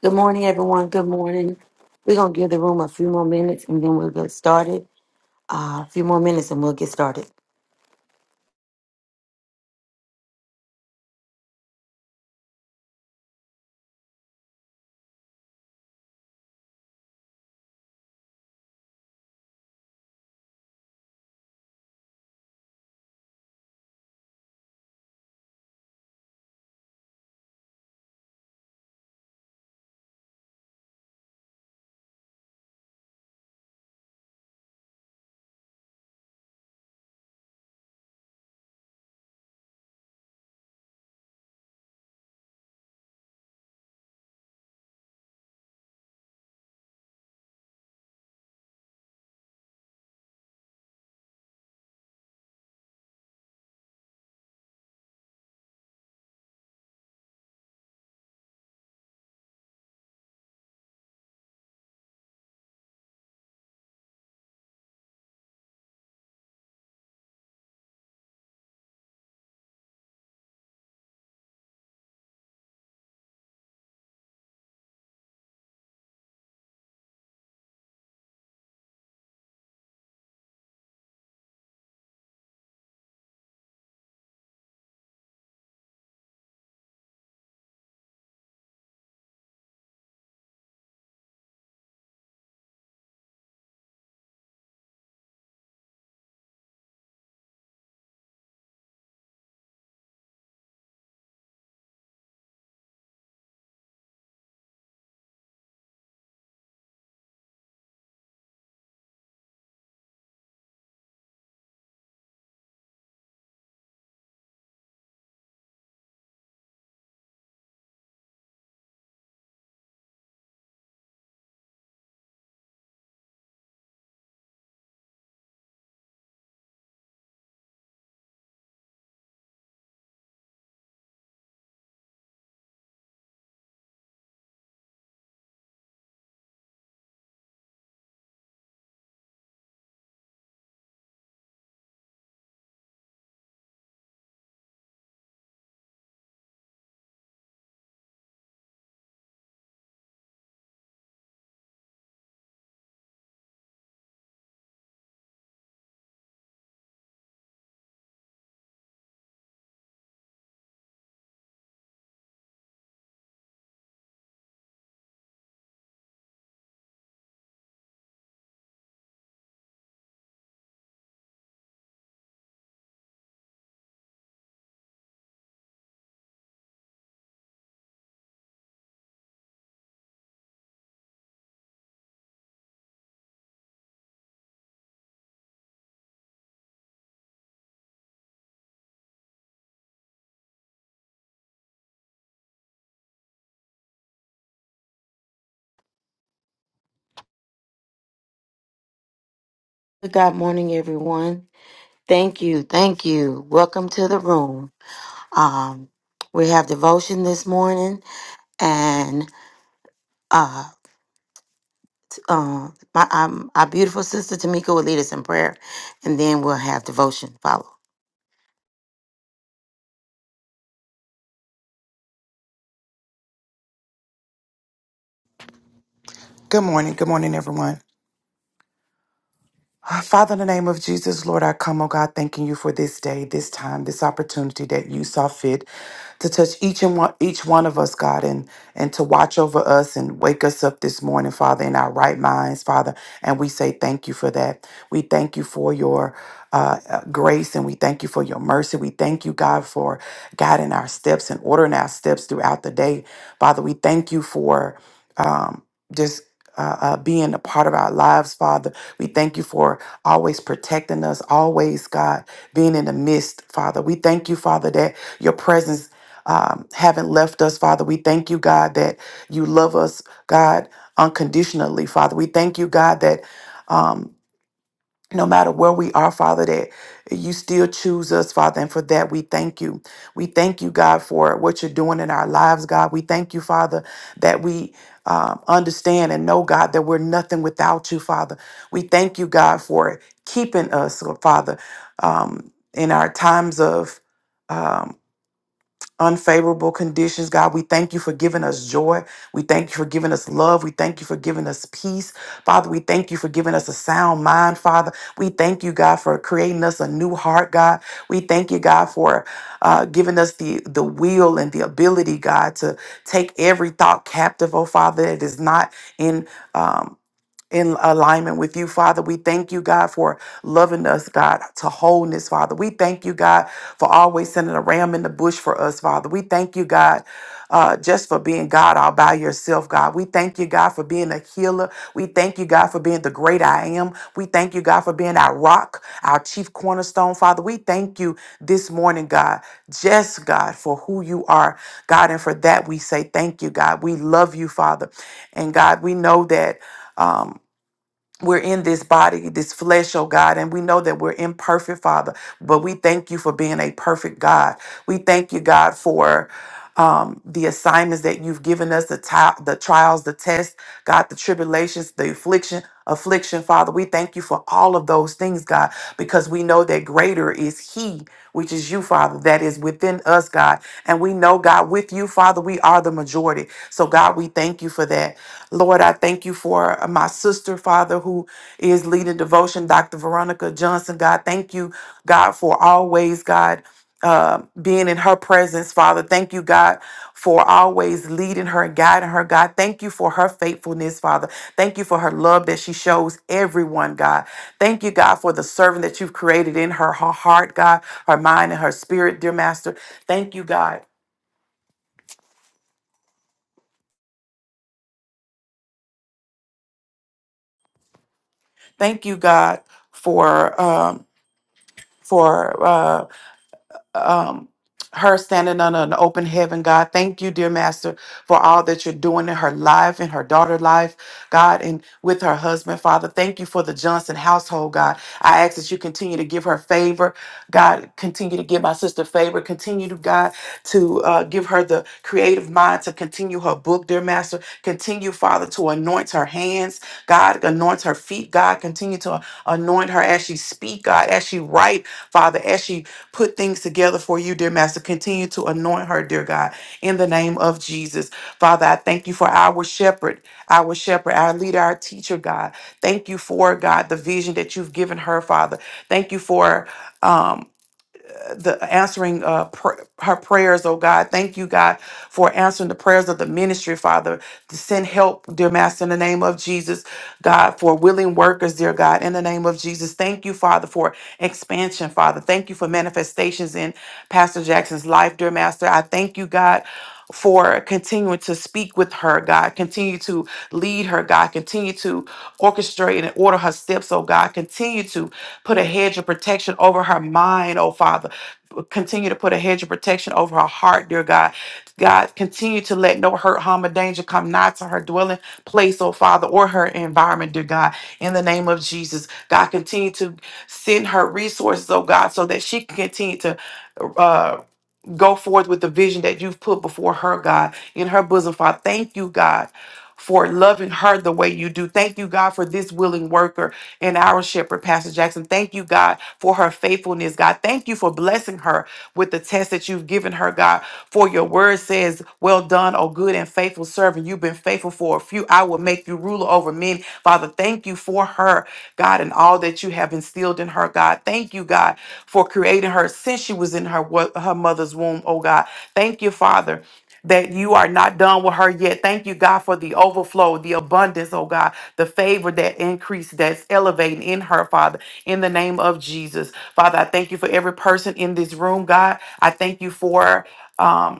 Good morning, everyone. Good morning. We're going to give the room a few more minutes and then we'll get started. Uh, a few more minutes and we'll get started. Good morning, everyone. Thank you. Thank you. Welcome to the room. Um, we have devotion this morning and uh, uh, my, um, our beautiful sister Tamika will lead us in prayer and then we'll have devotion follow. Good morning. Good morning, everyone. Father, in the name of Jesus, Lord, I come, oh God, thanking you for this day, this time, this opportunity that you saw fit to touch each and one, each one of us, God, and and to watch over us and wake us up this morning, Father, in our right minds, Father. And we say thank you for that. We thank you for your uh, uh, grace and we thank you for your mercy. We thank you, God, for guiding our steps and ordering our steps throughout the day, Father. We thank you for um, just. Uh, uh, being a part of our lives, Father. We thank you for always protecting us, always, God, being in the midst, Father. We thank you, Father, that your presence um, haven't left us, Father. We thank you, God, that you love us, God, unconditionally, Father. We thank you, God, that. Um, no matter where we are, Father, that you still choose us, Father, and for that we thank you. We thank you, God, for what you're doing in our lives, God. We thank you, Father, that we um, understand and know, God, that we're nothing without you, Father. We thank you, God, for keeping us, Father, um, in our times of. um, unfavorable conditions. God, we thank you for giving us joy. We thank you for giving us love. We thank you for giving us peace. Father, we thank you for giving us a sound mind, Father. We thank you, God, for creating us a new heart, God. We thank you, God, for uh, giving us the, the will and the ability, God, to take every thought captive, oh Father, that is not in. Um, in alignment with you, Father. We thank you, God, for loving us, God, to wholeness, Father. We thank you, God, for always sending a ram in the bush for us, Father. We thank you, God, uh, just for being God all by yourself, God. We thank you, God, for being a healer. We thank you, God, for being the great I am. We thank you, God, for being our rock, our chief cornerstone, Father. We thank you this morning, God, just God, for who you are, God. And for that, we say thank you, God. We love you, Father. And God, we know that. Um, we're in this body, this flesh, oh God, and we know that we're imperfect, Father, but we thank you for being a perfect God. We thank you, God, for um, the assignments that you've given us, the, ti- the trials, the tests, God, the tribulations, the affliction, affliction, Father. We thank you for all of those things, God, because we know that greater is He, which is you, Father, that is within us, God. And we know, God, with you, Father, we are the majority. So, God, we thank you for that. Lord, I thank you for uh, my sister, Father, who is leading devotion, Dr. Veronica Johnson. God, thank you, God, for always, God, uh, being in her presence, Father. Thank you, God, for always leading her and guiding her, God. Thank you for her faithfulness, Father. Thank you for her love that she shows everyone, God. Thank you, God, for the servant that you've created in her, her heart, God, her mind, and her spirit, dear Master. Thank you, God. Thank you, God, for. Um, for Uh, um, her standing under an open heaven, God. Thank you, dear Master, for all that you're doing in her life, in her daughter' life, God, and with her husband, Father. Thank you for the Johnson household, God. I ask that you continue to give her favor, God. Continue to give my sister favor. Continue to, God, to uh, give her the creative mind to continue her book, dear Master. Continue, Father, to anoint her hands, God. Anoint her feet, God. Continue to anoint her as she speak, God, as she write, Father, as she put things together for you, dear Master. Continue to anoint her, dear God, in the name of Jesus. Father, I thank you for our shepherd, our shepherd, our leader, our teacher, God. Thank you for, God, the vision that you've given her, Father. Thank you for um, the answering uh, pr- her prayers, oh God. Thank you, God, for answering the prayers of the ministry, Father. To send help, dear Master, in the name of Jesus. God, for willing workers, dear God, in the name of Jesus. Thank you, Father, for expansion, Father. Thank you for manifestations in Pastor Jackson's life, dear Master. I thank you, God. For continuing to speak with her, God, continue to lead her, God, continue to orchestrate and order her steps, oh God, continue to put a hedge of protection over her mind, oh Father, continue to put a hedge of protection over her heart, dear God. God, continue to let no hurt, harm, or danger come nigh to her dwelling place, oh Father, or her environment, dear God. In the name of Jesus, God, continue to send her resources, oh God, so that she can continue to. uh, go forth with the vision that you've put before her, God, in her bosom. Father, thank you, God, for loving her the way you do. Thank you, God, for this willing worker and our shepherd, Pastor Jackson. Thank you, God, for her faithfulness, God. Thank you for blessing her with the test that you've given her, God. For your word says, Well done, O good and faithful servant. You've been faithful for a few. I will make you ruler over men. Father, thank you for her, God, and all that you have instilled in her, God. Thank you, God for creating her since she was in her wo- her mother's womb. Oh God, thank you, Father. That you are not done with her yet. Thank you, God, for the overflow, the abundance, oh God, the favor that increase that's elevating in her, Father, in the name of Jesus. Father, I thank you for every person in this room, God. I thank you for. Um,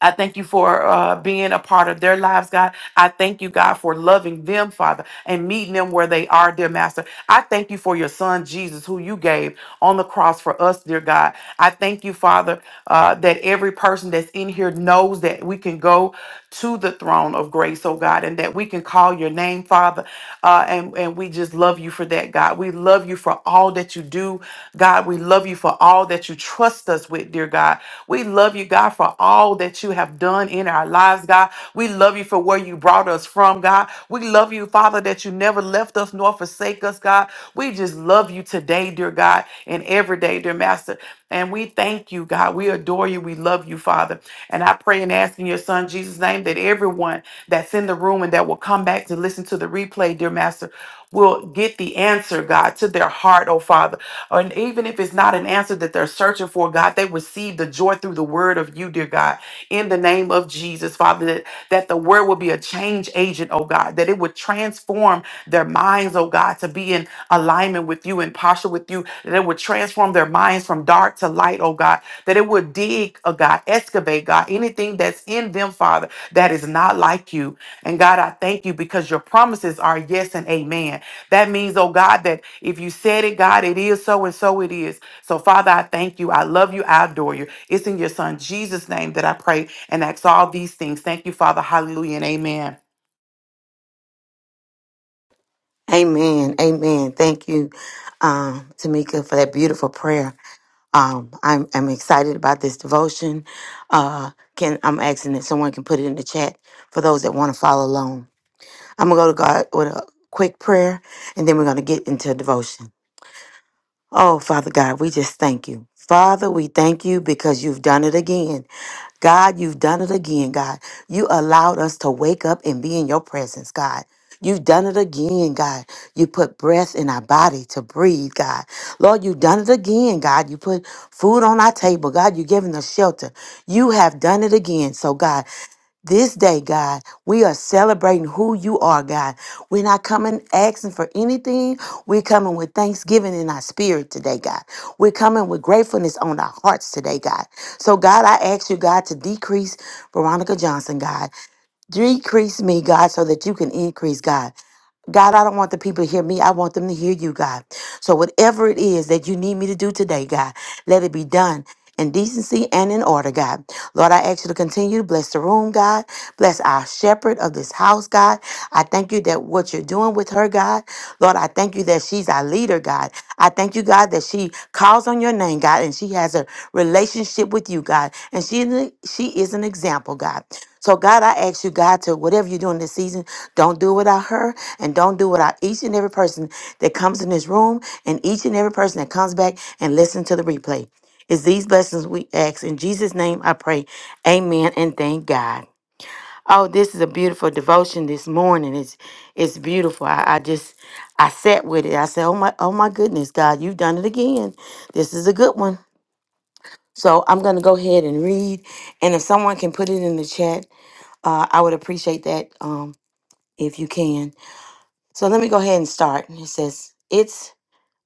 I thank you for uh, being a part of their lives, God. I thank you, God, for loving them, Father, and meeting them where they are, dear Master. I thank you for your son, Jesus, who you gave on the cross for us, dear God. I thank you, Father, uh, that every person that's in here knows that we can go to the throne of grace, oh God, and that we can call your name, Father. Uh, and, and we just love you for that, God. We love you for all that you do, God. We love you for all that you trust us with, dear God. We love you, God, for all that you have done in our lives, God. We love you for where you brought us from, God. We love you, Father, that you never left us nor forsake us, God. We just love you today, dear God, and every day, dear Master. And we thank you, God. We adore you. We love you, Father. And I pray and ask in your Son, Jesus' name, that everyone that's in the room and that will come back to listen to the replay, dear Master will get the answer, God, to their heart, oh Father. And even if it's not an answer that they're searching for, God, they receive the joy through the word of you, dear God, in the name of Jesus, Father, that, that the word will be a change agent, oh God, that it would transform their minds, oh God, to be in alignment with you and posture with you, that it would transform their minds from dark to light, oh God, that it would dig, oh God, excavate, God, anything that's in them, Father, that is not like you. And God, I thank you because your promises are yes and amen. That means, oh God, that if you said it, God, it is so and so it is. So, Father, I thank you. I love you. I adore you. It's in your Son, Jesus' name, that I pray and ask all these things. Thank you, Father. Hallelujah and amen. Amen. Amen. Thank you, um, Tamika, for that beautiful prayer. Um, I'm I'm excited about this devotion. Uh, can I'm asking that someone can put it in the chat for those that want to follow along. I'm gonna go to God with a quick prayer, and then we're gonna get into devotion. Oh, Father God, we just thank you. Father, we thank you because you've done it again. God, you've done it again, God. You allowed us to wake up and be in your presence, God. You've done it again, God. You put breath in our body to breathe, God. Lord, you've done it again, God. You put food on our table, God. You've given us shelter. You have done it again. So, God, this day, God, we are celebrating who you are, God. We're not coming asking for anything. We're coming with thanksgiving in our spirit today, God. We're coming with gratefulness on our hearts today, God. So, God, I ask you, God, to decrease Veronica Johnson, God. Decrease me, God, so that you can increase, God. God, I don't want the people to hear me. I want them to hear you, God. So, whatever it is that you need me to do today, God, let it be done in decency and in order, God. Lord, I ask you to continue to bless the room, God. Bless our shepherd of this house, God. I thank you that what you're doing with her, God. Lord, I thank you that she's our leader, God. I thank you, God, that she calls on your name, God, and she has a relationship with you, God. And she, is she is an example, God. So, God, I ask you, God, to whatever you're doing this season, don't do it without her and don't do it without each and every person that comes in this room and each and every person that comes back and listen to the replay. It's these blessings we ask. In Jesus' name, I pray. Amen and thank God. Oh, this is a beautiful devotion this morning. It's it's beautiful. I, I just I sat with it. I said, Oh my oh my goodness, God, you've done it again. This is a good one. So I'm gonna go ahead and read. And if someone can put it in the chat, uh, I would appreciate that um if you can. So let me go ahead and start. And it says, It's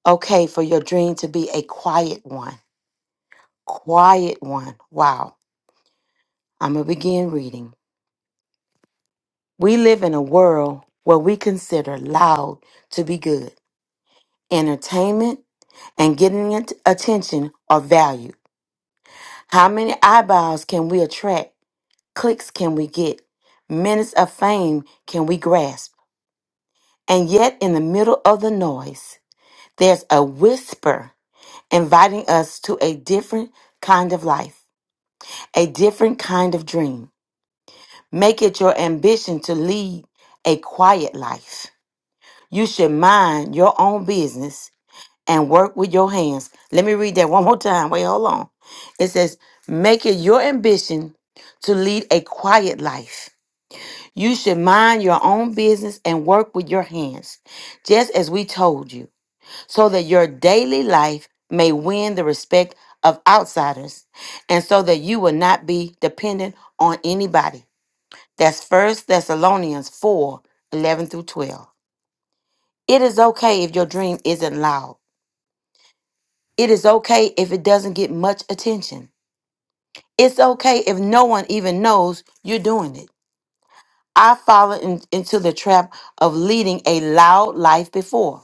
okay for your dream to be a quiet one. Quiet one. Wow. I'm gonna begin reading. We live in a world where we consider loud to be good. Entertainment and getting at- attention are valued. How many eyeballs can we attract? Clicks can we get? Minutes of fame can we grasp? And yet, in the middle of the noise, there's a whisper inviting us to a different kind of life, a different kind of dream. Make it your ambition to lead a quiet life. You should mind your own business and work with your hands. Let me read that one more time. Wait, hold on. It says, Make it your ambition to lead a quiet life. You should mind your own business and work with your hands, just as we told you, so that your daily life may win the respect of outsiders and so that you will not be dependent on anybody. That's First Thessalonians 4 11 through 12. It is okay if your dream isn't loud. It is okay if it doesn't get much attention. It's okay if no one even knows you're doing it. I followed in- into the trap of leading a loud life before.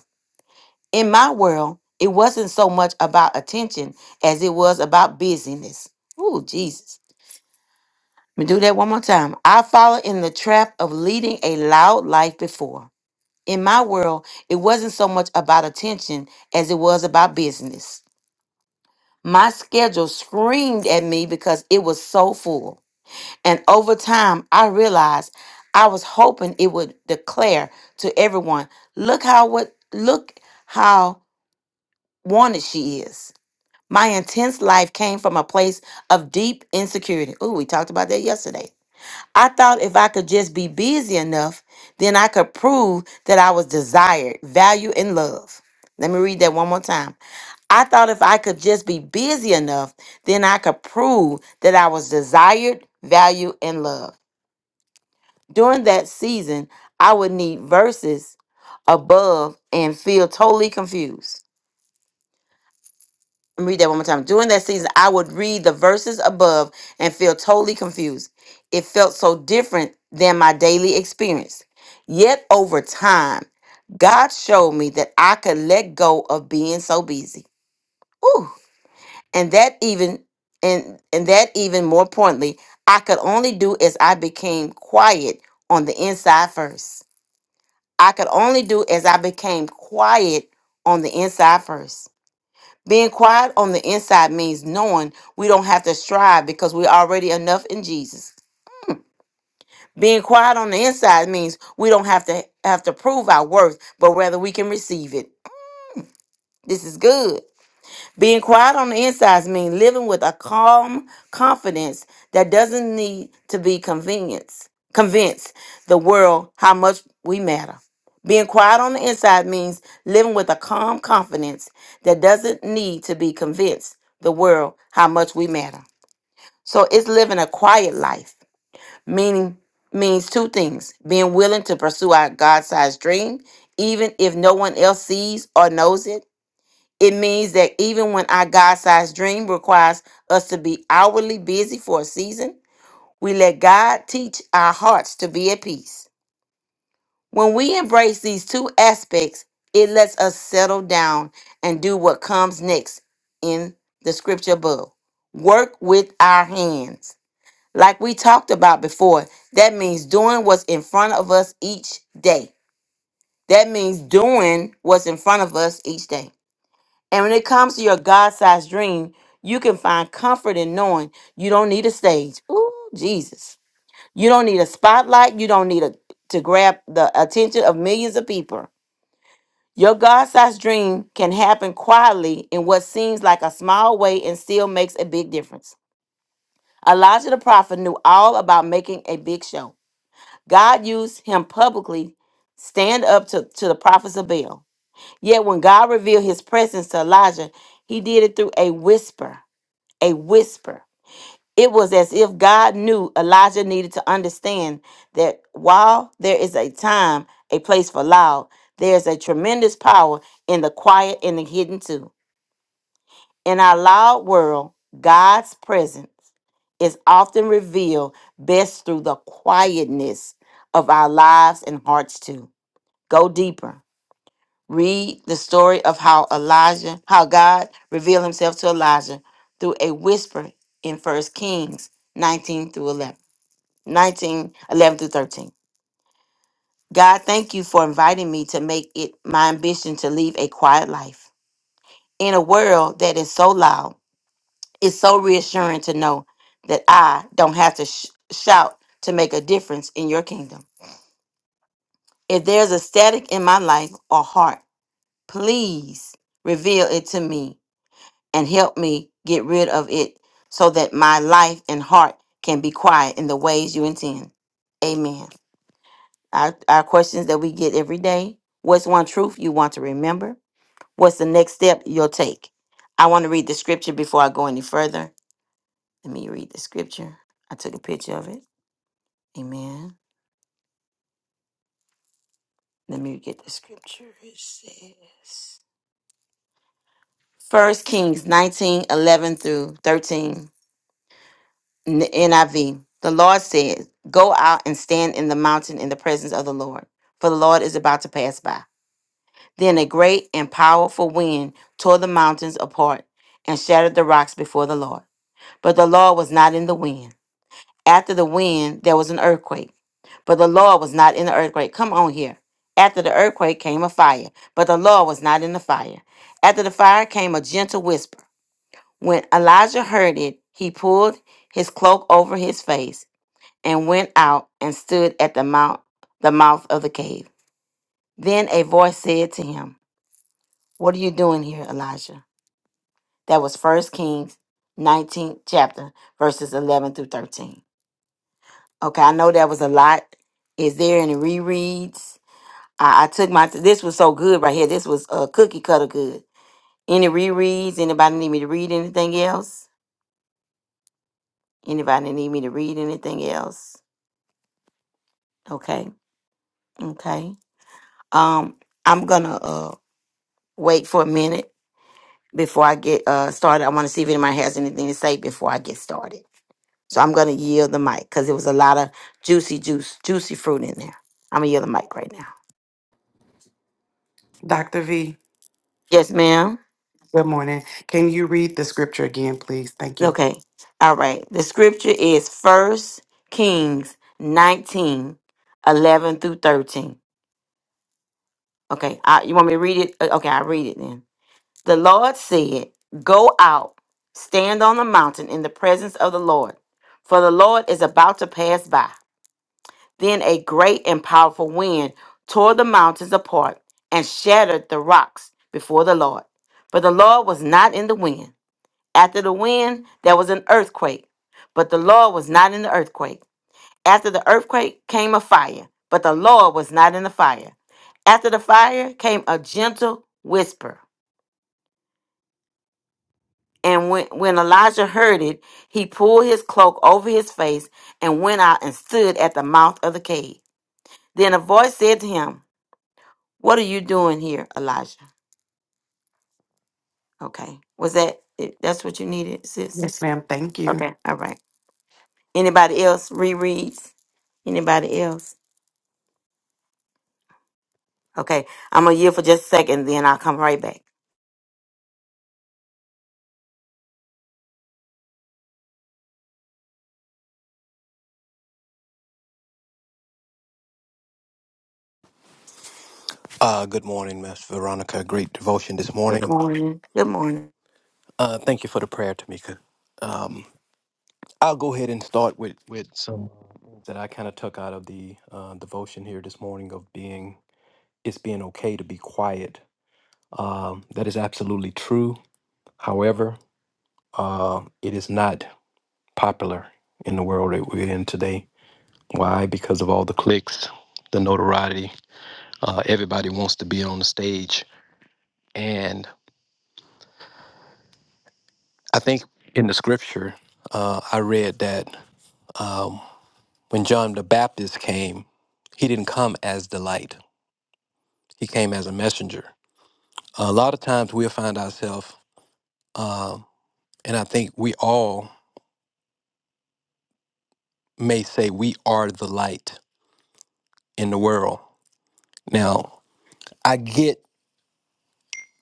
In my world, it wasn't so much about attention as it was about busyness. Ooh, Jesus. Let me do that one more time. I followed in the trap of leading a loud life before. In my world, it wasn't so much about attention as it was about business. My schedule screamed at me because it was so full. And over time, I realized I was hoping it would declare to everyone, look how what look how wanted she is. My intense life came from a place of deep insecurity. Ooh, we talked about that yesterday I thought if I could just be busy enough, then I could prove that I was desired, valued, and loved. Let me read that one more time. I thought if I could just be busy enough, then I could prove that I was desired, valued, and loved. During that season, I would need verses above and feel totally confused. Let me read that one more time. During that season, I would read the verses above and feel totally confused. It felt so different than my daily experience. Yet over time, God showed me that I could let go of being so busy. Ooh. And that even and and that even more importantly, I could only do as I became quiet on the inside first. I could only do as I became quiet on the inside first. Being quiet on the inside means knowing we don't have to strive because we're already enough in Jesus. Being quiet on the inside means we don't have to have to prove our worth, but rather we can receive it. This is good. Being quiet on the insides means living with a calm confidence that doesn't need to be convenience, convince the world how much we matter. Being quiet on the inside means living with a calm confidence that doesn't need to be convinced the world how much we matter. So it's living a quiet life, meaning means two things. Being willing to pursue our God-sized dream even if no one else sees or knows it it means that even when our God sized dream requires us to be outwardly busy for a season, we let God teach our hearts to be at peace. When we embrace these two aspects, it lets us settle down and do what comes next in the scripture above work with our hands. Like we talked about before, that means doing what's in front of us each day. That means doing what's in front of us each day. And when it comes to your God sized dream, you can find comfort in knowing you don't need a stage. Ooh, Jesus. You don't need a spotlight. You don't need a, to grab the attention of millions of people. Your God sized dream can happen quietly in what seems like a small way and still makes a big difference. Elijah the prophet knew all about making a big show. God used him publicly, stand up to, to the prophets of Baal. Yet when God revealed his presence to Elijah, he did it through a whisper a whisper. It was as if God knew Elijah needed to understand that while there is a time, a place for loud, there's a tremendous power in the quiet and the hidden too. In our loud world, God's presence is often revealed best through the quietness of our lives and hearts too. Go deeper. Read the story of how Elijah, how God revealed himself to Elijah through a whisper in First Kings 19 through 11, 19 11 through 13. God, thank you for inviting me to make it my ambition to live a quiet life in a world that is so loud. It's so reassuring to know that I don't have to sh- shout to make a difference in your kingdom. If there's a static in my life or heart, please reveal it to me and help me get rid of it so that my life and heart can be quiet in the ways you intend. Amen. Our, our questions that we get every day what's one truth you want to remember? What's the next step you'll take? I want to read the scripture before I go any further. Let me read the scripture. I took a picture of it. Amen. Let me get the scripture. It says. First Kings 19 11 through 13. N- NIV. The Lord said, Go out and stand in the mountain in the presence of the Lord, for the Lord is about to pass by. Then a great and powerful wind tore the mountains apart and shattered the rocks before the Lord. But the Lord was not in the wind. After the wind, there was an earthquake. But the Lord was not in the earthquake. Come on here. After the earthquake came a fire, but the Lord was not in the fire. After the fire came a gentle whisper. When Elijah heard it, he pulled his cloak over his face and went out and stood at the mount the mouth of the cave. Then a voice said to him, What are you doing here, Elijah? That was first Kings 19th chapter, verses eleven through thirteen. Okay, I know that was a lot. Is there any rereads? I, I took my this was so good right here. This was uh, cookie cutter good. Any rereads? Anybody need me to read anything else? Anybody need me to read anything else? Okay, okay. Um, I'm gonna uh wait for a minute before I get uh, started. I want to see if anybody has anything to say before I get started. So I'm going to yield the mic because it was a lot of juicy juice, juicy fruit in there. I'm going to yield the mic right now. Dr. V, Yes, ma'am. good morning. Can you read the scripture again, please? Thank you. Okay. All right. The scripture is First Kings 19, 11 through 13. Okay. I, you want me to read it? Uh, Okay. I'll read it then. The Lord said, Go out, stand on the mountain in the presence of the Lord, for the Lord is about to pass by. Then a great and powerful wind tore the mountains apart and shattered the rocks before the Lord. But the Lord was not in the wind. After the wind, there was an earthquake. But the Lord was not in the earthquake. After the earthquake came a fire. But the Lord was not in the fire. After the fire came a gentle whisper. And when, when Elijah heard it, he pulled his cloak over his face and went out and stood at the mouth of the cave. Then a voice said to him, What are you doing here, Elijah? Okay. Was that it? That's what you needed, sis? Yes, ma'am. Thank you. Okay. All right. Anybody else rereads? Anybody else? Okay. I'm going to yield for just a second, then I'll come right back. Uh, good morning, Miss Veronica. Great devotion this Good morning. morning. Good morning. Uh, thank you for the prayer, Tamika. Um, I'll go ahead and start with, with some things that I kind of took out of the uh, devotion here this morning of being it's being okay to be quiet. Um, that is absolutely true. However, uh, it is not popular in the world that we're in today. Why? Because of all the clicks, the notoriety. Uh, everybody wants to be on the stage, and I think in the scripture, uh, I read that um, when John the Baptist came, he didn't come as the light, he came as a messenger. A lot of times we'll find ourselves, um, and I think we all may say we are the light in the world. Now, I get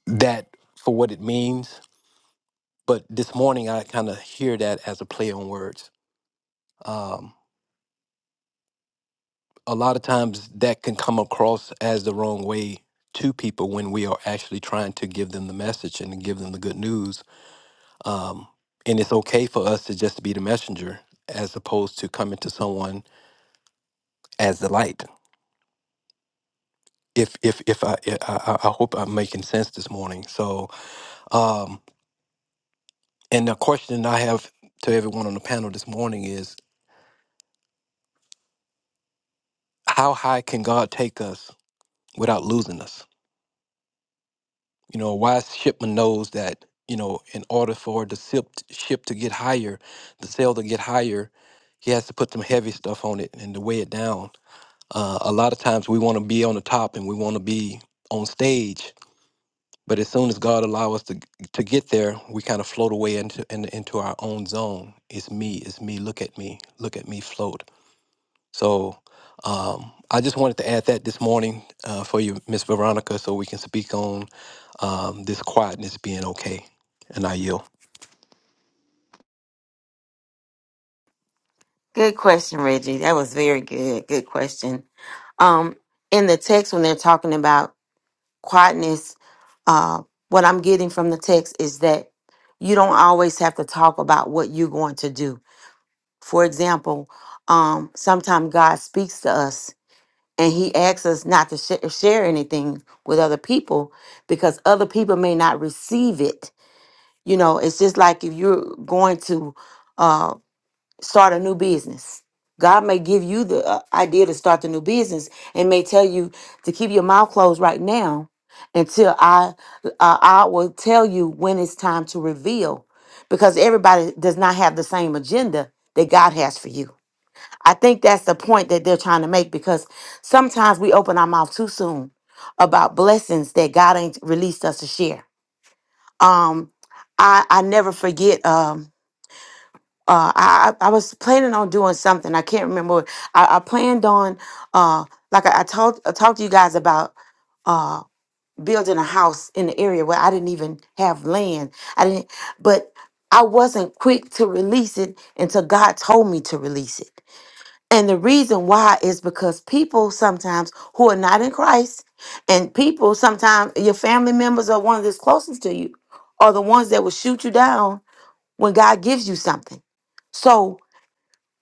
that for what it means, but this morning I kind of hear that as a play on words. Um, a lot of times that can come across as the wrong way to people when we are actually trying to give them the message and give them the good news. Um, and it's okay for us to just be the messenger as opposed to coming to someone as the light. If if if I I, I I hope I'm making sense this morning. So um, and the question I have to everyone on the panel this morning is how high can God take us without losing us? You know, a wise shipman knows that, you know, in order for the ship, ship to get higher, the sail to get higher, he has to put some heavy stuff on it and to weigh it down. Uh, a lot of times we want to be on the top and we want to be on stage, but as soon as God allows us to to get there, we kind of float away into in, into our own zone. It's me, it's me. Look at me, look at me float. So um, I just wanted to add that this morning uh, for you, Miss Veronica, so we can speak on um, this quietness being okay. And I yield. Good question, Reggie. That was very good. Good question. Um, in the text, when they're talking about quietness, uh, what I'm getting from the text is that you don't always have to talk about what you're going to do For example, um, sometimes God speaks to us and he asks us not to sh- share anything with other people because other people may not receive it. You know, it's just like if you're going to uh, start a new business. God may give you the uh, idea to start the new business and may tell you to keep your mouth closed right now until I uh, I will tell you when it's time to reveal because everybody does not have the same agenda that God has for you I think that's the point that they're trying to make because sometimes we open our mouth too soon about blessings that God ain't released us to share. Um, I I never forget. Um, uh, I I I was planning on doing something. I can't remember. what- I, I planned on uh, like I, I talked I talked to you guys about uh building a house in the area where I didn't even have land. I didn't, but I wasn't quick to release it until God told me to release it. And the reason why is because people sometimes who are not in Christ, and people sometimes your family members are one of the closest to you, are the ones that will shoot you down when God gives you something. So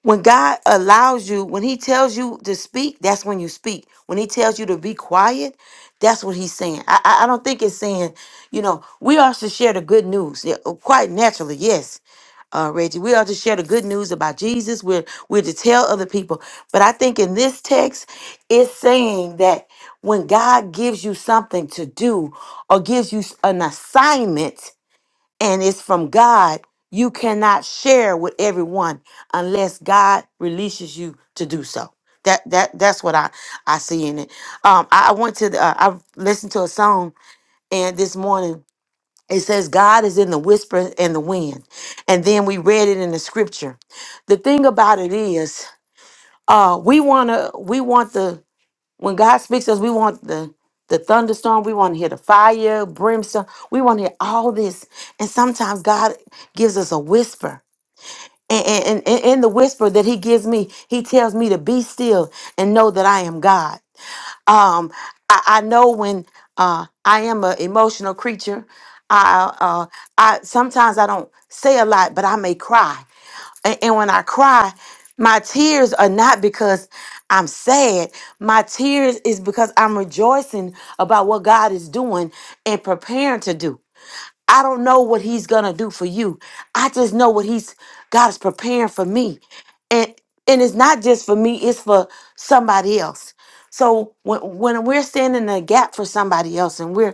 when God allows you, when He tells you to speak, that's when you speak. When He tells you to be quiet, that's what He's saying. I, I I don't think it's saying, you know, we are to share the good news. Yeah, oh, quite naturally, yes uh, Reggie. We are to share the good news about Jesus. We're we're to tell other people. But I think in this text, it's saying that when God gives you something to do or gives you s- an assignment, and it's from God, you cannot share with everyone unless God releases you to do so. That that that's what I I see in it. Um, I, I went to the, uh, I listened to a song and this morning it says God is in the whisper and the wind. And then we read it in the scripture. The thing about it is, uh, we wanna we want the when God speaks to us, we want the the thunderstorm, we want to hear the fire, brimstone, we want to hear all this. And sometimes God gives us a whisper. And and- and- and in the whisper that he gives me, he tells me to be still and know that I am God. Um, I, I know when uh, I am an emotional creature. I, uh, I sometimes I don't say a lot, but I may cry, and, and when I cry, my tears are not because I'm sad. My tears is because I'm rejoicing about what God is doing and preparing to do. I don't know what he's gonna do for you. I just know what he's God is preparing for me. And and it's not just for me, it's for somebody else. So when when we're standing in the gap for somebody else and we're,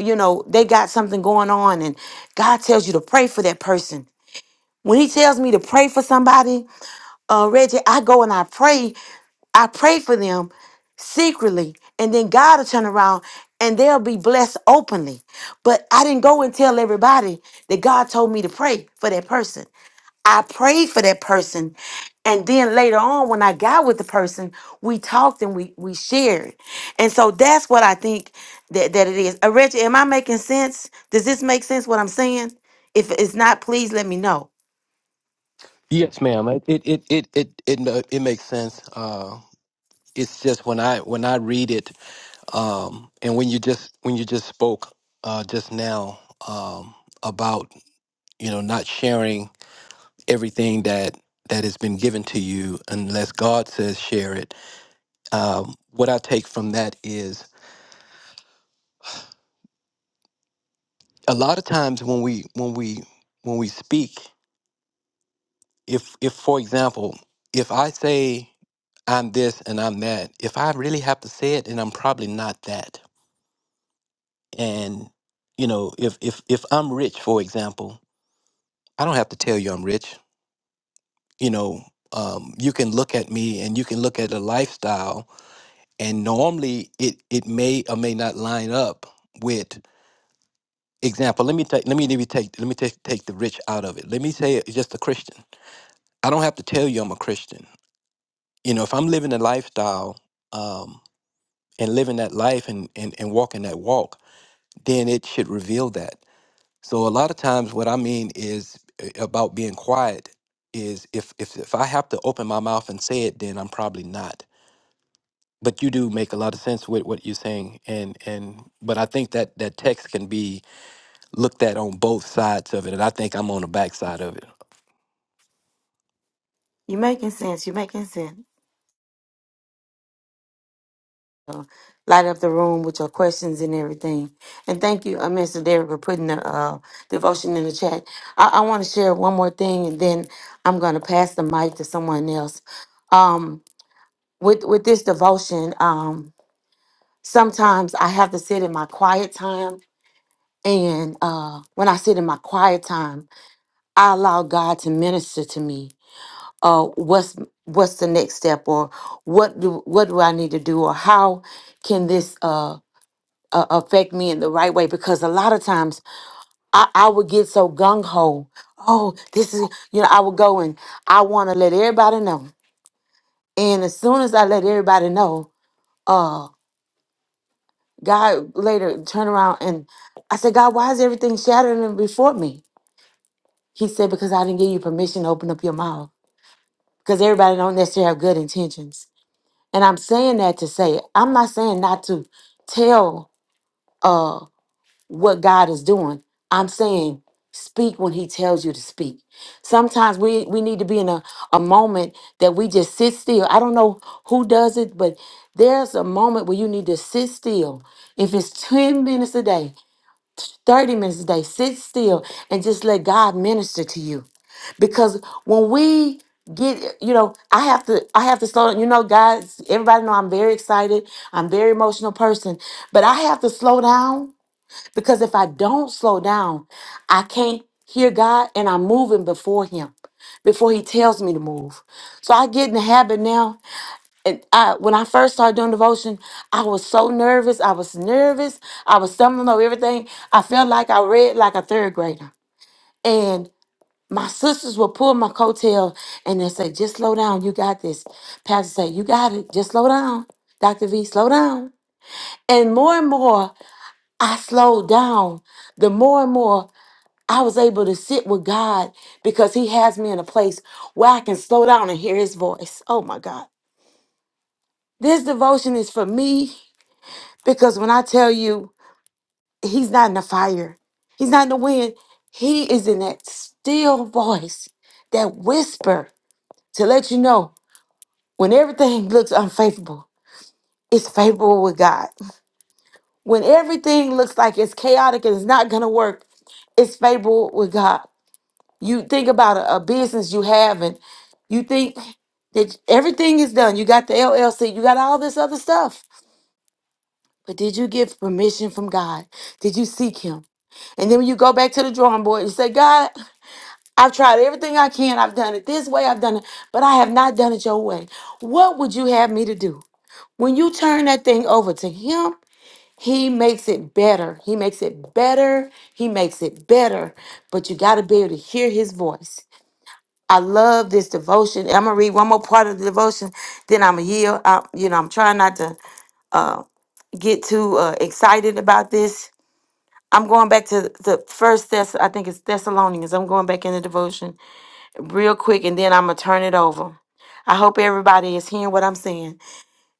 you know, they got something going on and God tells you to pray for that person. When he tells me to pray for somebody, uh, Reggie, I go and I pray. I pray for them secretly, and then God will turn around and they'll be blessed openly. But I didn't go and tell everybody that God told me to pray for that person. I prayed for that person, and then later on, when I got with the person, we talked and we we shared. And so that's what I think that that it is. Uh, Reggie, am I making sense? Does this make sense? What I'm saying? If it's not, please let me know. Yes, ma'am. It it it it it it, ma- it makes sense. Uh, it's just when I when I read it, um, and when you just when you just spoke uh, just now um, about you know not sharing everything that that has been given to you unless God says share it. Um, what I take from that is a lot of times when we when we when we speak if if for example if i say i'm this and i'm that if i really have to say it then i'm probably not that and you know if if if i'm rich for example i don't have to tell you i'm rich you know um, you can look at me and you can look at a lifestyle and normally it it may or may not line up with example let me take let me let me take let me take take the rich out of it let me say just a christian I don't have to tell you I'm a Christian. You know, if I'm living a lifestyle um, and living that life and, and, and walking that walk, then it should reveal that. So a lot of times what I mean is uh, about being quiet is if, if, if I have to open my mouth and say it, then I'm probably not. But you do make a lot of sense with what you're saying. And, and but I think that that text can be looked at on both sides of it. And I think I'm on the backside of it. You making sense? You making sense? light up the room with your questions and everything. And thank you, uh, Mr. Derrick, for putting the uh, devotion in the chat. I, I want to share one more thing, and then I'm going to pass the mic to someone else. Um, with with this devotion, um, sometimes I have to sit in my quiet time, and uh, when I sit in my quiet time, I allow God to minister to me. Uh, what's what's the next step, or what do what do I need to do, or how can this uh uh, affect me in the right way because a lot of times I, I would get so gung ho. Oh, this is, you know, I would go and I want to let everybody know. And as soon as I let everybody know, uh, God later turned around and I said, God, why is everything shattering before me? He said, because I didn't give you permission to open up your mouth because everybody don't necessarily have good intentions. And I'm saying that to say, I'm not saying not to tell. uh, what God is doing. I'm saying speak when he tells you to speak. Sometimes we we need to be in a, a moment that we just sit still. I don't know who does it, but there's a moment where you need to sit still. If it's 10 minutes a day, 30 minutes a day, sit still and just let God minister to you. Because when we get you know i have to i have to slow down you know guys everybody know i'm very excited i'm a very emotional person but i have to slow down because if I don't slow down, I can't hear God and I'm moving before Him, before He tells me to move. So I get in the habit now. And I, when I first started doing devotion, I was so nervous. I was nervous. I was stumbling over everything. I felt like I read like a third grader. And my sisters would pull my coattail and they say, just slow down. You got this. Pastor say, you got it. Just slow down. Dr. V, slow down. And more and more I slowed down, the more and more I was able to sit with God because He has me in a place where I can slow down and hear His voice. Oh my God. This devotion is for me because when I tell you He's not in the fire, He's not in the wind, He is in that still voice, that whisper to let you know when everything looks unfavorable, it's favorable with God. When everything looks like it's chaotic and it's not going to work, it's favorable with God. You think about a, a business you have, and you think that everything is done. You got the LLC, you got all this other stuff. But did you get permission from God? Did you seek Him? And then when you go back to the drawing board, you say, God, I've tried everything I can. I've done it this way, I've done it, but I have not done it your way. What would you have me to do? When you turn that thing over to Him, he makes it better. He makes it better. He makes it better. But you got to be able to hear his voice. I love this devotion. I'm gonna read one more part of the devotion, then I'm gonna yield. I, you know, I'm trying not to uh, get too uh, excited about this. I'm going back to the first Thess. I think it's Thessalonians. I'm going back in the devotion real quick, and then I'm gonna turn it over. I hope everybody is hearing what I'm saying.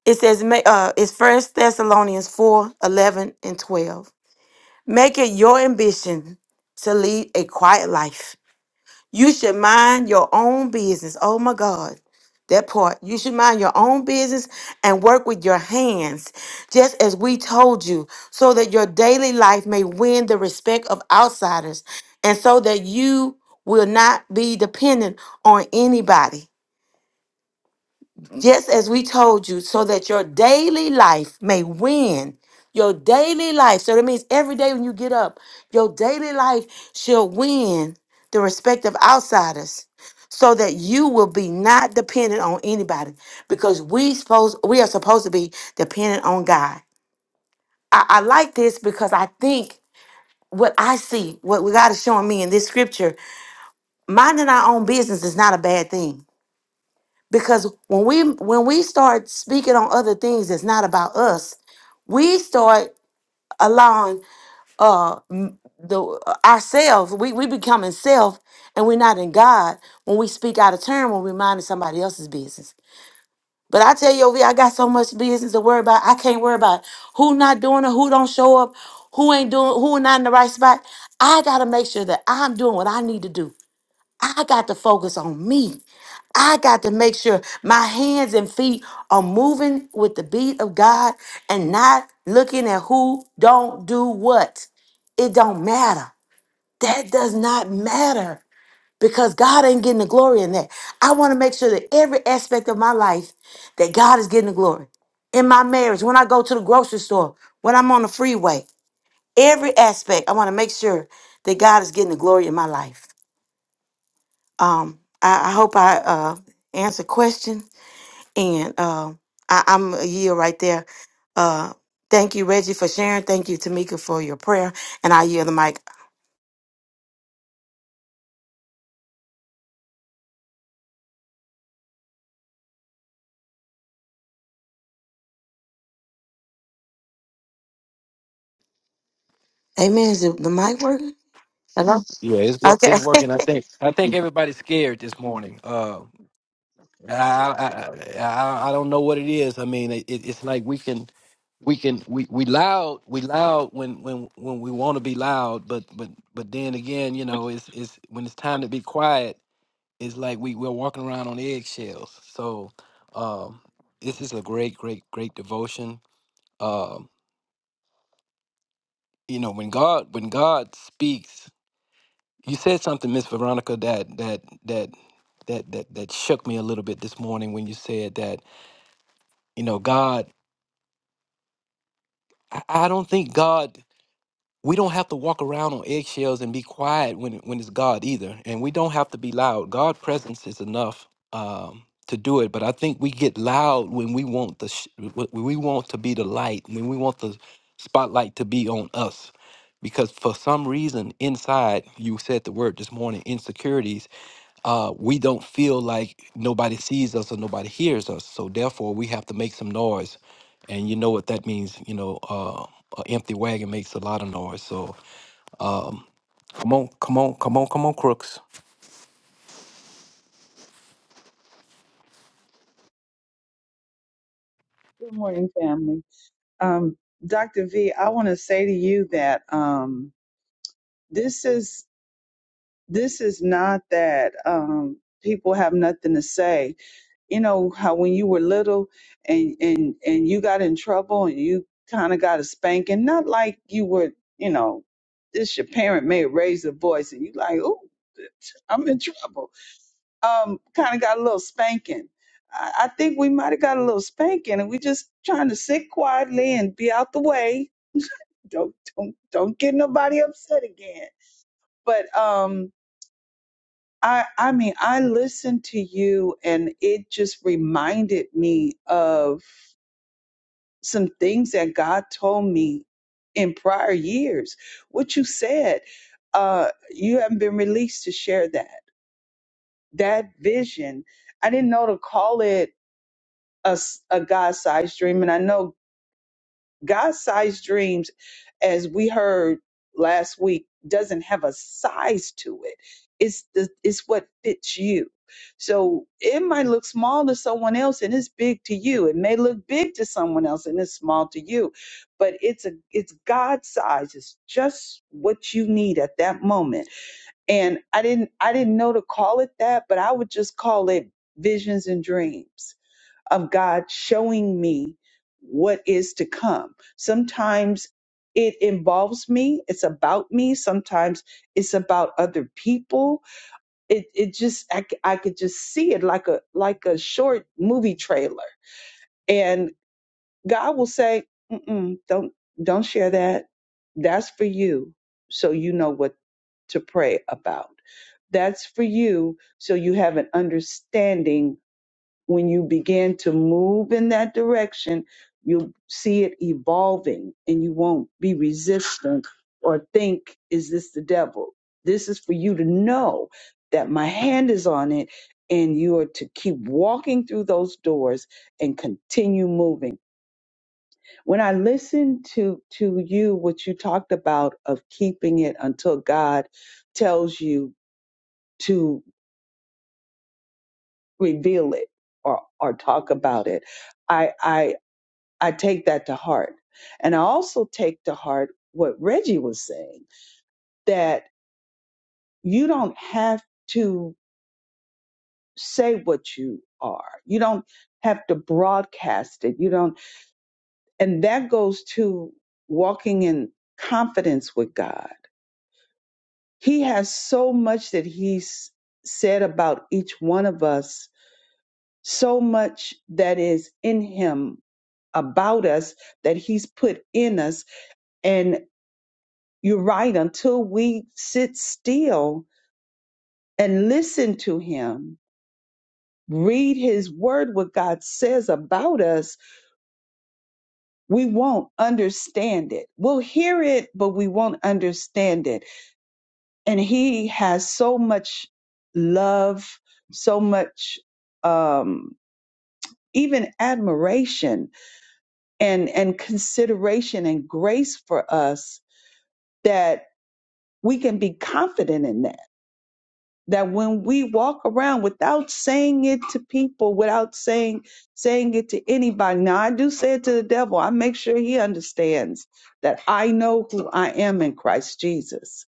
It says, ma- uh, it's First Thessalonians 4, 11, and 12. Make it your ambition to lead a quiet life You should mind your own business. Oh my God. That part. You should mind your own business and work with your hands, just as we told you, so that your daily life may win the respect of outsiders and so that you will not be dependent on anybody just as we told you, so that your daily life may win. Your daily life. So that means every day when you get up, your daily life shall win the respect of outsiders. So that you will be not dependent on anybody. Because we supposed we are supposed to be dependent on God. I, I like this because I think what I see, what God is showing me in this scripture, minding our own business is not a bad thing because when we when we start speaking on other things that's not about us we start allowing uh m- the uh, ourselves we we becoming self and we're not in god when we speak out of turn when we're minding somebody else's business but i tell you over here i got so much business to worry about i can't worry about who not doing it who don't show up who ain't doing who not in the right spot i gotta make sure that i'm doing what i need to do I got to focus on me. I got to make sure my hands and feet are moving with the beat of God and not looking at who don't do what. It don't matter. That does not matter because God ain't getting the glory in that. I want to make sure that every aspect of my life that God is getting the glory. In my marriage, when I go to the grocery store, when I'm on the freeway, every aspect, I want to make sure that God is getting the glory in my life. Um, I, I hope I uh, answered question, and um, I, I'm a year right there. Uh, thank you, Reggie, for sharing. Thank you, Tamika, for your prayer, and I yield the mic. Amen. Is it the mic working? Hello. Yeah, it's work. Okay. It's working. I think. I think everybody's scared this morning. Uh, I, I I I don't know what it is. I mean, it, it's like we can we can we, we loud we loud when when when we want to be loud, but but but then again, you know, it's it's when it's time to be quiet, it's like we we're walking around on eggshells. So, um, this is a great great great devotion. Um, you know, when God when God speaks, you said something, Miss Veronica, that that that that that that shook me a little bit this morning when you said that you know God. I, I don't think God. We don't have to walk around on eggshells and be quiet when when it's God either, and we don't have to be loud. God' presence is enough um, to do it. But I think we get loud when we want the sh- wh- when we want to be the light, when we want the spotlight to be on us. Because for some reason inside, you said the word this morning, insecurities. Uh, we don't feel like nobody sees us or nobody hears us, so therefore we have to make some noise. And you know what that means? You know, uh, an empty wagon makes a lot of noise. So come on, come on, come on, come on, crooks. Good morning, family. Um, Dr. V, I want to say to you that um, this is this is not that um, people have nothing to say. You know how when you were little and and and you got in trouble and you kind of got a spanking, not like you were, you know, this your parent may raise a voice and you like, oh, I'm in trouble um, kind of got a little spanking. I, I think we might have got a little spanking, and we just trying to sit quietly and be out the way. Don't don't don't get nobody upset again. But um, I I mean, I listened to you, and it just reminded me of some things that God told me in prior years. What you said, uh, you haven't been released to share that that vision. I didn't know to call it a, s- a God-sized dream. And I know God-sized dreams, as we heard last week, doesn't have a size to it. It's the it's what fits you. So it might look small to someone else and it's big to you. It may look big to someone else and it's small to you. But it's a it's God size. It's just what you need at that moment. And I didn't I didn't know to call it that, but I would just call it visions and dreams of God showing me what is to come. Sometimes it involves me, it's about me, sometimes it's about other people. It it just I, c- I could just see it like a like a short movie trailer. And God will say, Mm-mm, "Don't don't share that. That's for you so you know what to pray about. That's for you so you have an understanding when you begin to move in that direction, you'll see it evolving and you won't be resistant or think, is this the devil? This is for you to know that my hand is on it and you are to keep walking through those doors and continue moving. When I listened to to you what you talked about of keeping it until God tells you to reveal it or or talk about it, I. I I take that to heart. And I also take to heart what Reggie was saying that you don't have to say what you are. You don't have to broadcast it. You don't and that goes to walking in confidence with God. He has so much that he's said about each one of us, so much that is in him about us that he's put in us and. You're right. Until we sit still and listen to Him, read His Word, what God says about us, we won't understand it. We'll hear it, but we won't understand it. And He has so much love, so much, um, even admiration and, and consideration and grace for us that we can be confident in that that when we walk around without saying it to people, without saying saying it to anybody. Now I do say it to the devil. I make sure he understands that I know who I am in Christ Jesus.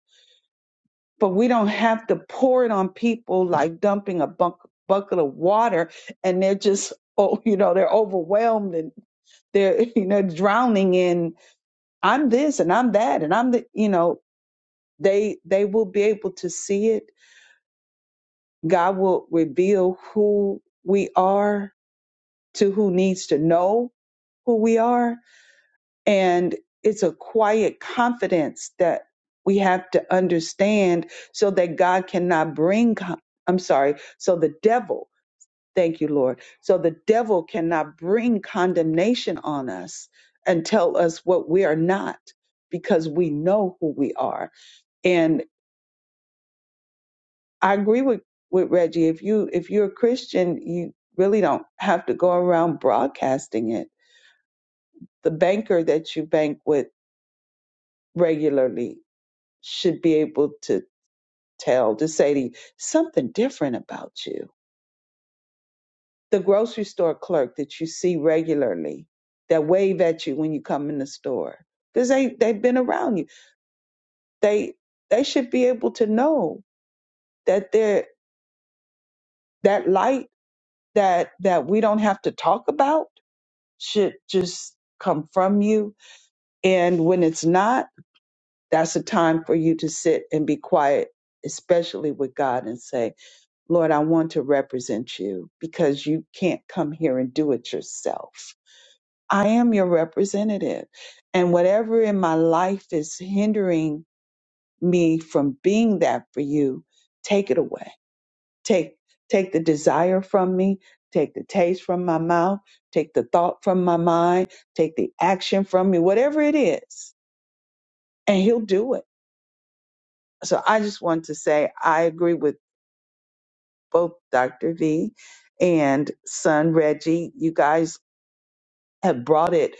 But we don't have to pour it on people like dumping a bunk, bucket of water and they're just oh, you know, they're overwhelmed and they're you know drowning in I'm this and I'm that and I'm the you know, they they will be able to see it God will reveal who we are to who needs to know who we are. And it's a quiet confidence that we have to understand so that God cannot bring, con- I'm sorry, so the devil, thank you, Lord, so the devil cannot bring condemnation on us and tell us what we are not because we know who we are. and. I agree with with Reggie. If you if you're a Christian, you really don't have to go around broadcasting it. The banker that you bank with regularly should be able to tell to say to you something different about you. The grocery store clerk that you see regularly that wave at you when you come in the store because they they've been around you. They they should be able to know that they're that light that that we don't have to talk about should just come from you. And when it's not, that's a time for you to sit and be quiet, especially with God, and say, Lord, I want to represent you because you can't come here and do it yourself. I am your representative. And whatever in my life is hindering me from being that for you, take it away Take take the desire from me, take the taste from my mouth, take the thought from my mind, take the action from me, whatever it is, and he'll do it. So I just want to say I agree with both Dr. V and son Reggie. You guys have brought it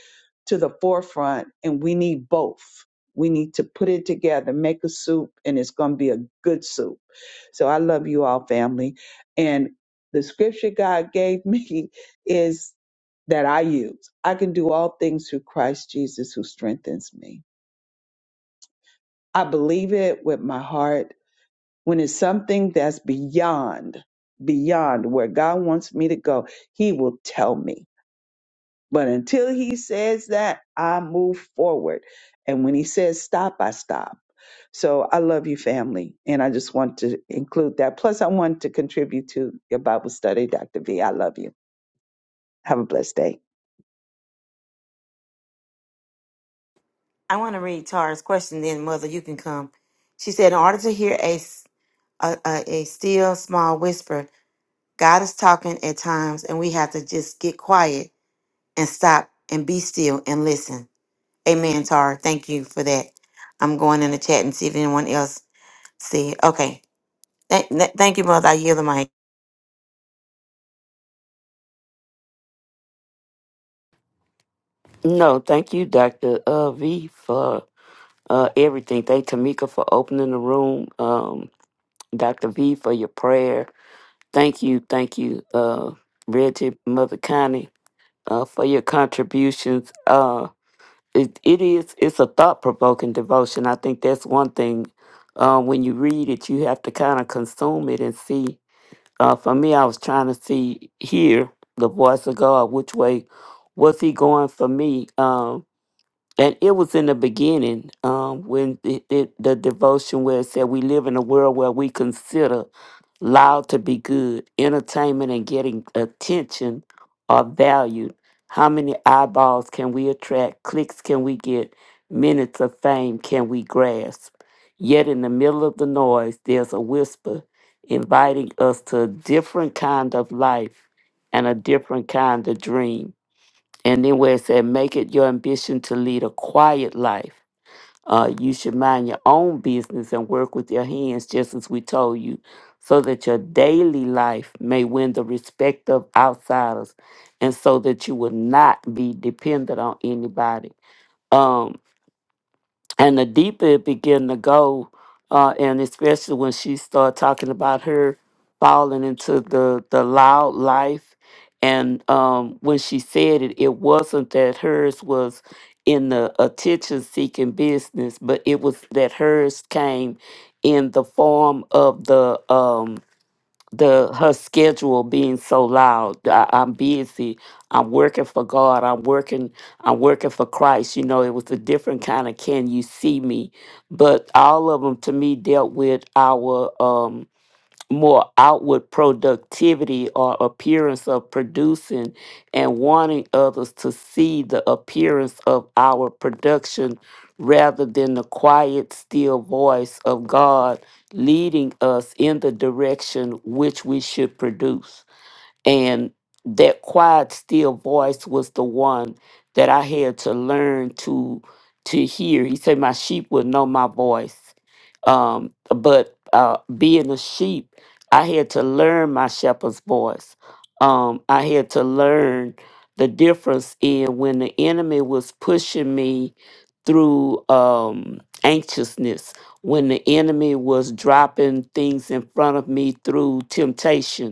to the forefront and we need both we need to put it together make a soup and it's going to be a good soup so i love you all family and the scripture god gave me is that i use i can do all things through christ jesus who strengthens me i believe it with my heart when it's something that's beyond beyond where god wants me to go he will tell me But until he says that, I move forward. And when he says stop, I stop. So I love you, family. And I just want to include that. Plus, I want to contribute to your Bible study, Dr. V. I love you. Have a blessed day. I want to read Tara's question. Then, Mother, you can come. She said, "In order to hear a s- a, a a still small whisper, God is talking at times, and we have to just get quiet and stop and be still and listen." Amen, Tara. Thank you for that. I'm going in the chat and see if anyone else see. Okay. Th- th- thank you, Mother. I yield the mic. No, thank you, Dr. Uh, v, for uh, everything. Thank Tamika for opening the room. Um, Dr. V for your prayer. Thank you, thank you, uh, Reggie, Mother Connie, uh, for your contributions. Uh, it, it is it's a thought provoking devotion. I think that's one thing. Uh, when you read it, you have to kind of consume it and see. Uh, for me, I was trying to see hear the voice of God. Which way was He going for me? Um, and it was in the beginning um, when the, the, the devotion where it said, We live in a world where we consider loud to be good, entertainment and getting attention are valued. How many eyeballs can we attract? Clicks can we get? Minutes of fame can we grasp? Yet in the middle of the noise, there's a whisper inviting us to a different kind of life and a different kind of dream. And then where it said, make it your ambition to lead a quiet life. Uh, you should mind your own business and work with your hands, just as we told you, so that your daily life may win the respect of outsiders and so that you will not be dependent on anybody. Um, and the deeper it began to go, uh, and especially when she started talking about her falling into the the loud life, and um, when she said it, it wasn't that hers was in the attention seeking business, but it was that hers came in the form of the um, the her schedule being so loud. I, I'm busy. I'm working for God. I'm working. I'm working for Christ. You know, it was a different kind of "Can you see me?" But all of them to me dealt with our. Um, more outward productivity or appearance of producing and wanting others to see the appearance of our production rather than the quiet, still voice of God leading us in the direction which we should produce. And that quiet, still voice was the one that I had to learn to to hear. He said, My sheep will know my voice um, but uh, being a sheep, I had to learn my shepherd's voice. Um, I had to learn the difference in when the enemy was pushing me through um, anxiousness, when the enemy was dropping things in front of me through temptation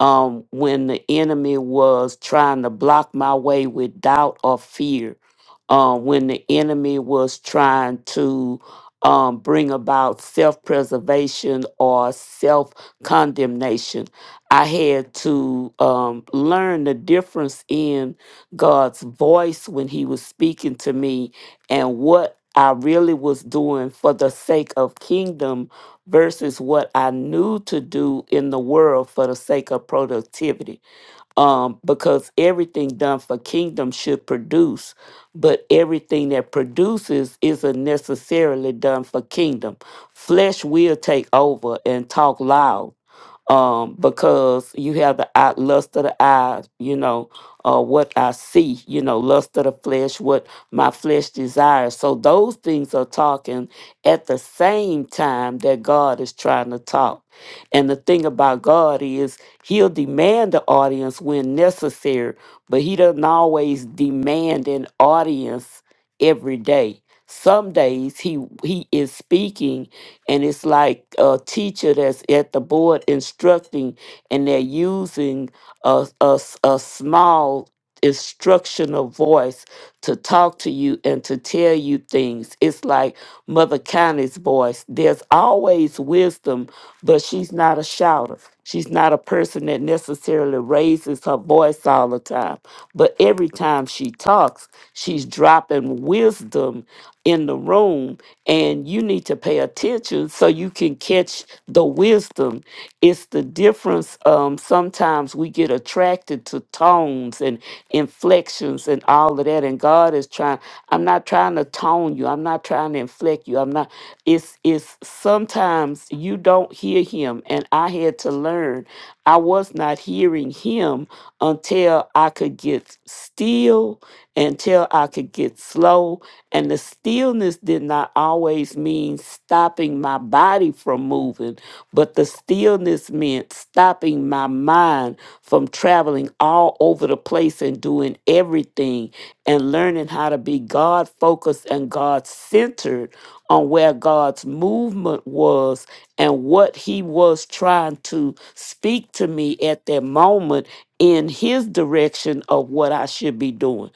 um, when the enemy was trying to block my way with doubt or fear, uh, when the enemy was trying to um, bring about self preservation or self condemnation. I had to um, learn the difference in God's voice when He was speaking to me and what I really was doing for the sake of kingdom versus what I knew to do in the world for the sake of productivity um, because everything done for kingdom should produce, but everything that produces isn't necessarily done for kingdom. Flesh will take over and talk loud um, because you have the eye, lust of the eye, you know, uh, what I see, you know, lust of the flesh, what my flesh desires. So those things are talking at the same time that God is trying to talk. And the thing about God is he'll demand the audience when necessary, but he doesn't always demand an audience every day. Some days he he is speaking and it's like a teacher that's at the board instructing and they're using a, a, s- a small instructional voice to talk to you and to tell you things. It's like Mother Connie's voice. There's always wisdom, but she's not a shouter. She's not a person that necessarily raises her voice all the time. But every time she talks, she's dropping wisdom in the room, and you need to pay attention so you can catch the wisdom. It's the difference. Um, sometimes we get attracted to tones and inflections and all of that, and God is trying. I'm not trying to tone you. I'm not trying to inflect you. I'm not. It's it's sometimes you don't hear Him, and I had to learn. I was not hearing Him until I could get still until I could get slow. And the stillness did not always mean stopping my body from moving, but the stillness meant stopping my mind from traveling all over the place and doing everything and learning how to be God focused and God centered on where God's movement was and what He was trying to speak to me at that moment in His direction of what I should be doing.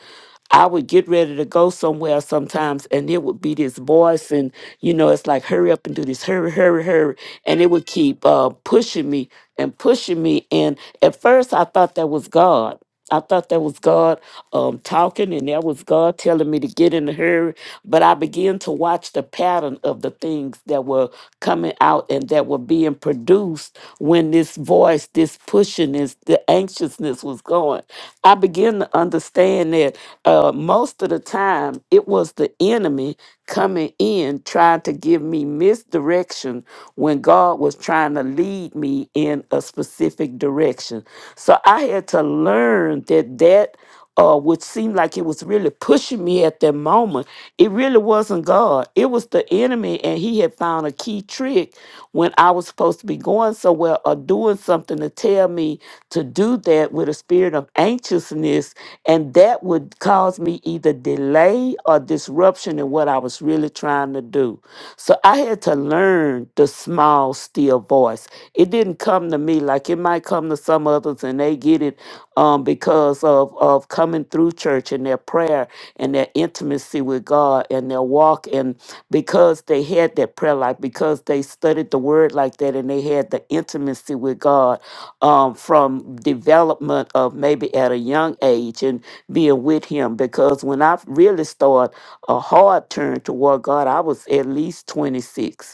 I would get ready to go somewhere sometimes, and it would be this voice, and you know, it's like, hurry up and do this, hurry, hurry, hurry. And it would keep uh, pushing me and pushing me. And at first, I thought that was God. I thought that was God um, talking, and that was God telling me to get in a hurry. But I began to watch the pattern of the things that were coming out and that were being produced when this voice, this pushing, this the anxiousness was going. I began to understand that uh, most of the time it was the enemy coming in tried to give me misdirection when God was trying to lead me in a specific direction. So I had to learn that that uh, which seemed like it was really pushing me at that moment, it really wasn't God. It was the enemy, and he had found a key trick when I was supposed to be going somewhere. or or doing something to tell me to do that with a spirit of anxiousness, and that would cause me either delay or disruption in what I was really trying to do. So I had to learn the small, still voice. It didn't come to me like it might come to some others and they get it um, because of, of coming through church and their prayer and their intimacy with God and their walk. And because they had that prayer life, because they studied the word like that and they had the intimacy with God um, from development of maybe at a young age and being with Him. Because when I really started a hard turn toward God, I was at least 26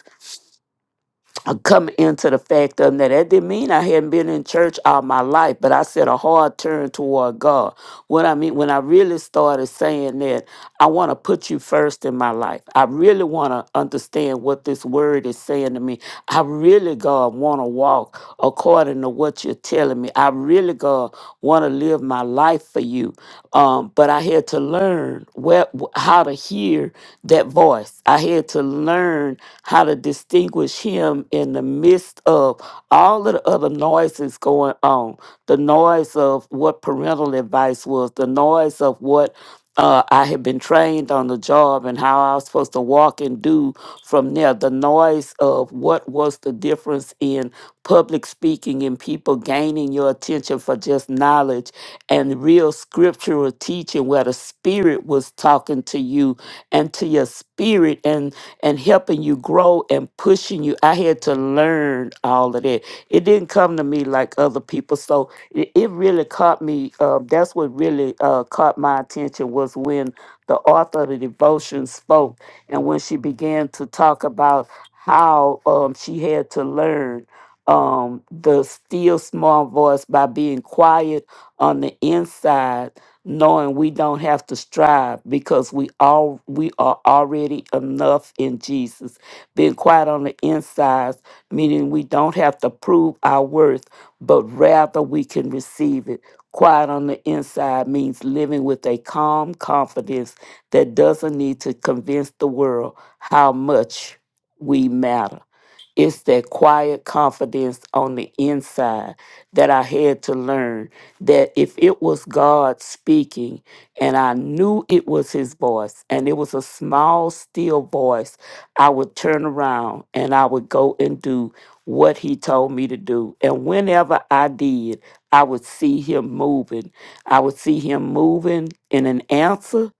I come into the fact of that that didn't mean I hadn't been in church all my life, but I said a hard turn toward God. What I mean when I really started saying that I want to put you first in my life. I really want to understand what this word is saying to me. I really, God, want to walk according to what you're telling me. I really, God, want to live my life for you. Um, but I had had to learn where, how to hear that voice. I had to learn how to distinguish him in the midst of all of the other noises going on the noise of what parental advice was, the noise of what uh, I had been trained on the job and how I was supposed to walk and do from there. The noise of what was the difference in public speaking and people gaining your attention for just knowledge and real scriptural teaching where the spirit was talking to you and to your spirit and and helping you grow and pushing you. I had to learn all of that. It didn't come to me like other people. So it, it really caught me. Uh, that's what really uh, caught my attention was when the author of the devotion spoke and when she began to talk about how um, she had to learn um, the still small voice by being quiet on the inside, knowing we don't have to strive because we all we are already enough in Jesus. Being quiet on the inside, meaning we don't have to prove our worth, but rather we can receive it. Quiet on the inside means living with a calm confidence that doesn't need to convince the world how much we matter. It's that quiet confidence on the inside that I had to learn that if it was God speaking and I knew it was his voice and it was a small, still voice, I would turn around and I would go and do what he told me to do. And whenever I did, I would see him moving. I would see him moving in an answer.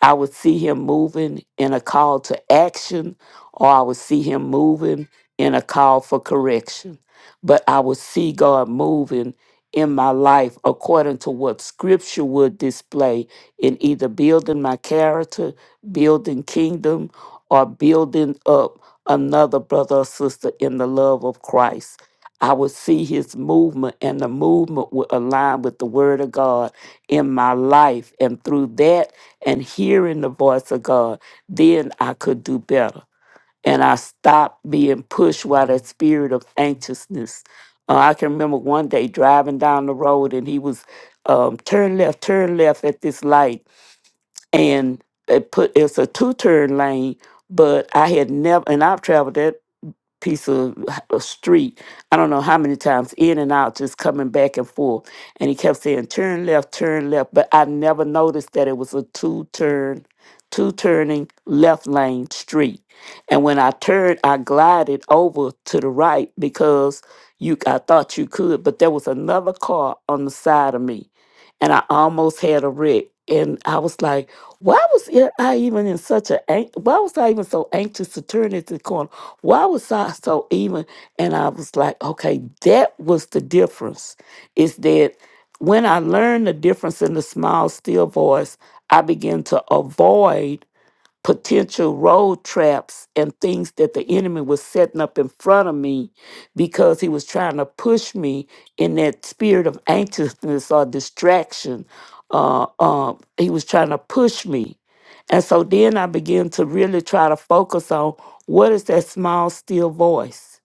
I would see him moving in a call to action, or I would see him moving in a call for correction, but I will see God moving in my life according to what scripture would display in either building my character, building kingdom, or building up another brother or sister in the love of Christ. I will see his movement, and the movement will align with the word of God in my life. And through that and hearing the voice of God, then I could do better and I stopped being pushed by that spirit of anxiousness. Uh, I can remember one day driving down the road and he was um, turn left, turn left at this light, and it put it's a two turn lane. But I had never, and I've traveled that piece of h- a street. I don't know how many times in and out, just coming back and forth. And he kept saying, turn left, turn left. But I never noticed that it was a two turn, two turning left lane street. And when I turned, I glided over to the right because you I thought you could, but there was another car on the side of me. And I almost had a wreck. And I was like, why was I even in such a, ang- why was I even so anxious to turn at the corner? Why was I so even? And I was like, okay, that was the difference. Is that when I learned the difference in the small, still voice, I began to avoid potential road traps and things that the enemy was setting up in front of me because he was trying to push me in that spirit of anxiousness or distraction. Uh, um, he was trying to push me. And so then I began to really try to focus on what is that small, still voice?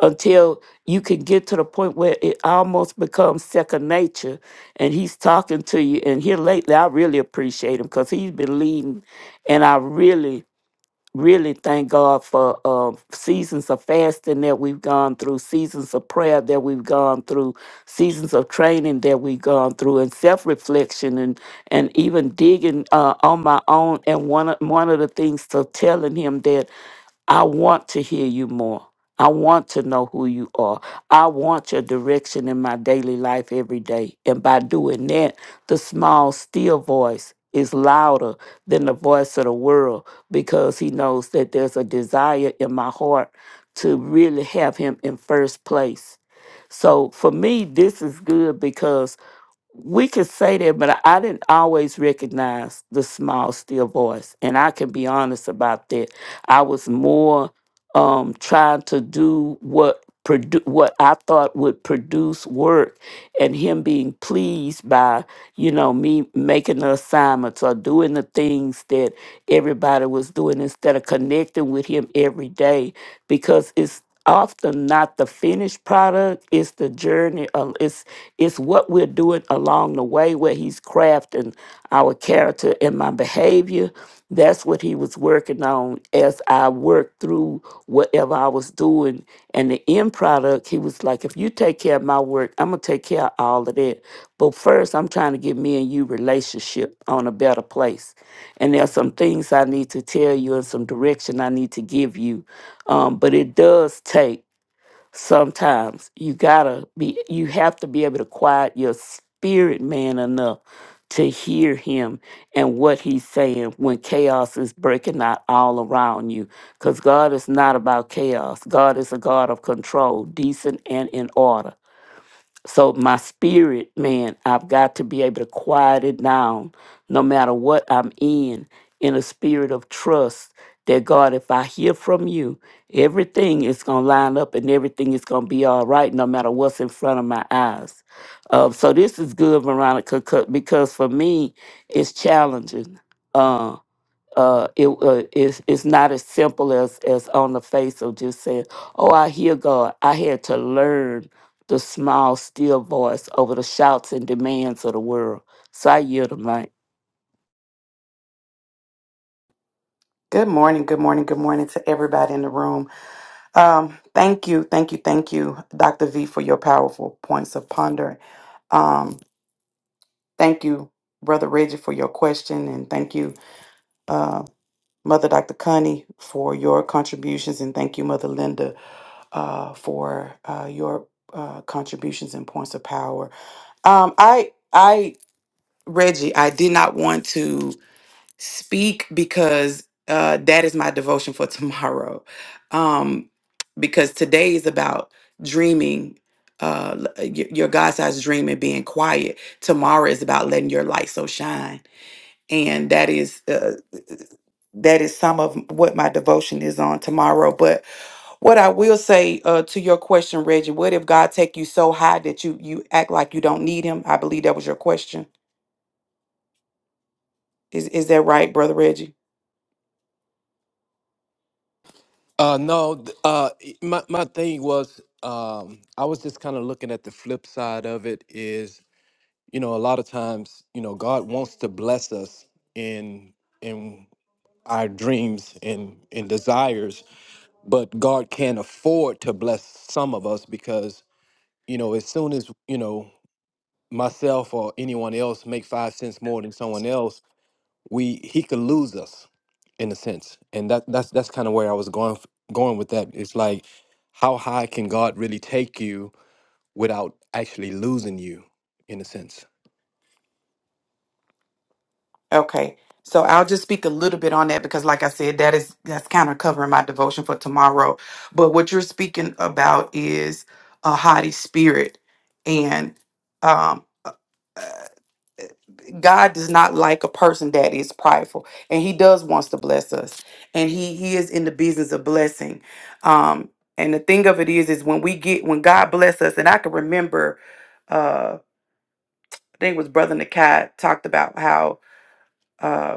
until you can get to the point where it almost becomes second nature and he's talking to you and here lately i really appreciate him because he's been leading and i really really thank god for um, seasons of fasting that we've gone through seasons of prayer that we've gone through seasons of training that we've gone through and self-reflection and and even digging uh, on my own and one of, one of the things to telling him that i want to hear you more I want to know who you are. I want your direction in my daily life every day. And by doing that, the small, still voice is louder than the voice of the world because he knows that there's a desire in my heart to really have him in first place. So for me, this is good because we could say that, but I I didn't always recognize the small, still voice. And I can be honest about that. I was more um, trying to do what produ- what I thought would produce work and him being pleased by, you know, me making the assignments or doing the things that everybody was doing instead of connecting with him every day because it's often not the finished product it's the journey uh, it's it's what we're doing along the way where he's crafting our character and my behavior that's what he was working on as i worked through whatever i was doing through and and the end product he was like if you take care of my work i'm gonna take care of all of that but first i'm trying to get me and you relationship on a better place and there's some things i need to tell you and some direction i need to give you um, but it does take sometimes you gotta be you have to be able to quiet your spirit man enough to hear him and what he's saying when chaos is breaking out all around you because god is not about chaos god is a god of control decent and in order so my spirit, man, I've got to be able to quiet it down no matter what I'm in, in a spirit of trust that God, if I hear from you, everything is going to line up and everything is going to be all right no matter what's in front of my eyes. Uh, so this is good, Veronica, 'cause- because for me, it's challenging. Uh, uh, it uh, it's, it's not as simple as as on the face of just saying, "Oh, I hear God." I had to learn the small, still voice over the shouts and demands of the world. So I yield the mic. Good morning, good morning, good morning to everybody in the room. Um, thank you, thank you, thank you, Dr. V, for your powerful points of ponder. Thank you, Brother Reggie, for your question, and thank you, uh, Mother Dr. Connie, for your contributions, and thank you, Mother Linda, uh, for uh, your uh, contributions and points of power. Um, I, I, Reggie, I did not want to speak because uh, that is my devotion for tomorrow, um, because today is about dreaming. Uh, l- your your God-sized dream and being quiet. Tomorrow is about letting your light so shine and that is uh, that is some of what my devotion is on tomorrow but what i will say uh, to your question reggie what if god take you so high that you you act like you don't need him i believe that was your question is is that right brother reggie Uh, no, th- uh, i- my my thing was, um, I was just kind of looking at the flip side of it is, you know, a lot of times, you know, God wants to bless us in in our dreams and and desires, but God can't afford to bless some of us because, you know, as soon as you know myself or anyone else make five cents more than someone else we he could lose us in a sense and that that's that's kind of where i was going f- going with that it's like how high can god really take you without actually losing you in a sense Okay. So I'll just speak a little bit on that because like I said, that is that's kind of covering my devotion for tomorrow. But what you're speaking about is a haughty spirit. And um uh, uh, God does not like a person that is prideful, and He does wants to bless us, and He He is in the business of blessing. Um, and the thing of it is, is when we get when God bless us, and I can remember, uh, I think it was Brother Nakai talked about how uh,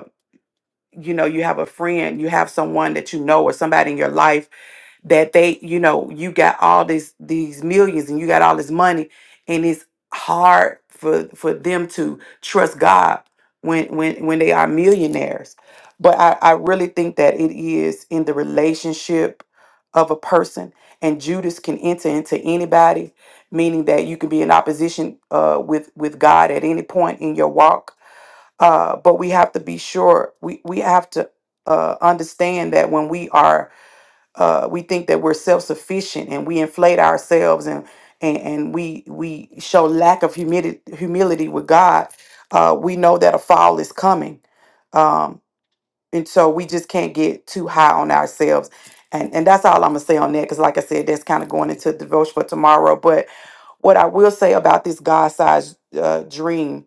you know you have a friend you have someone that you know or somebody in your life that they you know you got all these these millions and you got all this money and it's hard for for them to trust god when when when they are millionaires but i i really think that it is in the relationship of a person and judas can enter into anybody meaning that you can be in opposition uh with with god at any point in your walk uh, but we have to be sure we we have to uh, understand that when we are uh, we think that we're self-sufficient and we inflate ourselves and and, and we we show lack of humility humility with God uh, we know that a fall is coming um, and so we just can't get too high on ourselves and and that's all I'm gonna say on that because like I said that's kind of going into the devotion for tomorrow but what I will say about this God-sized uh, dream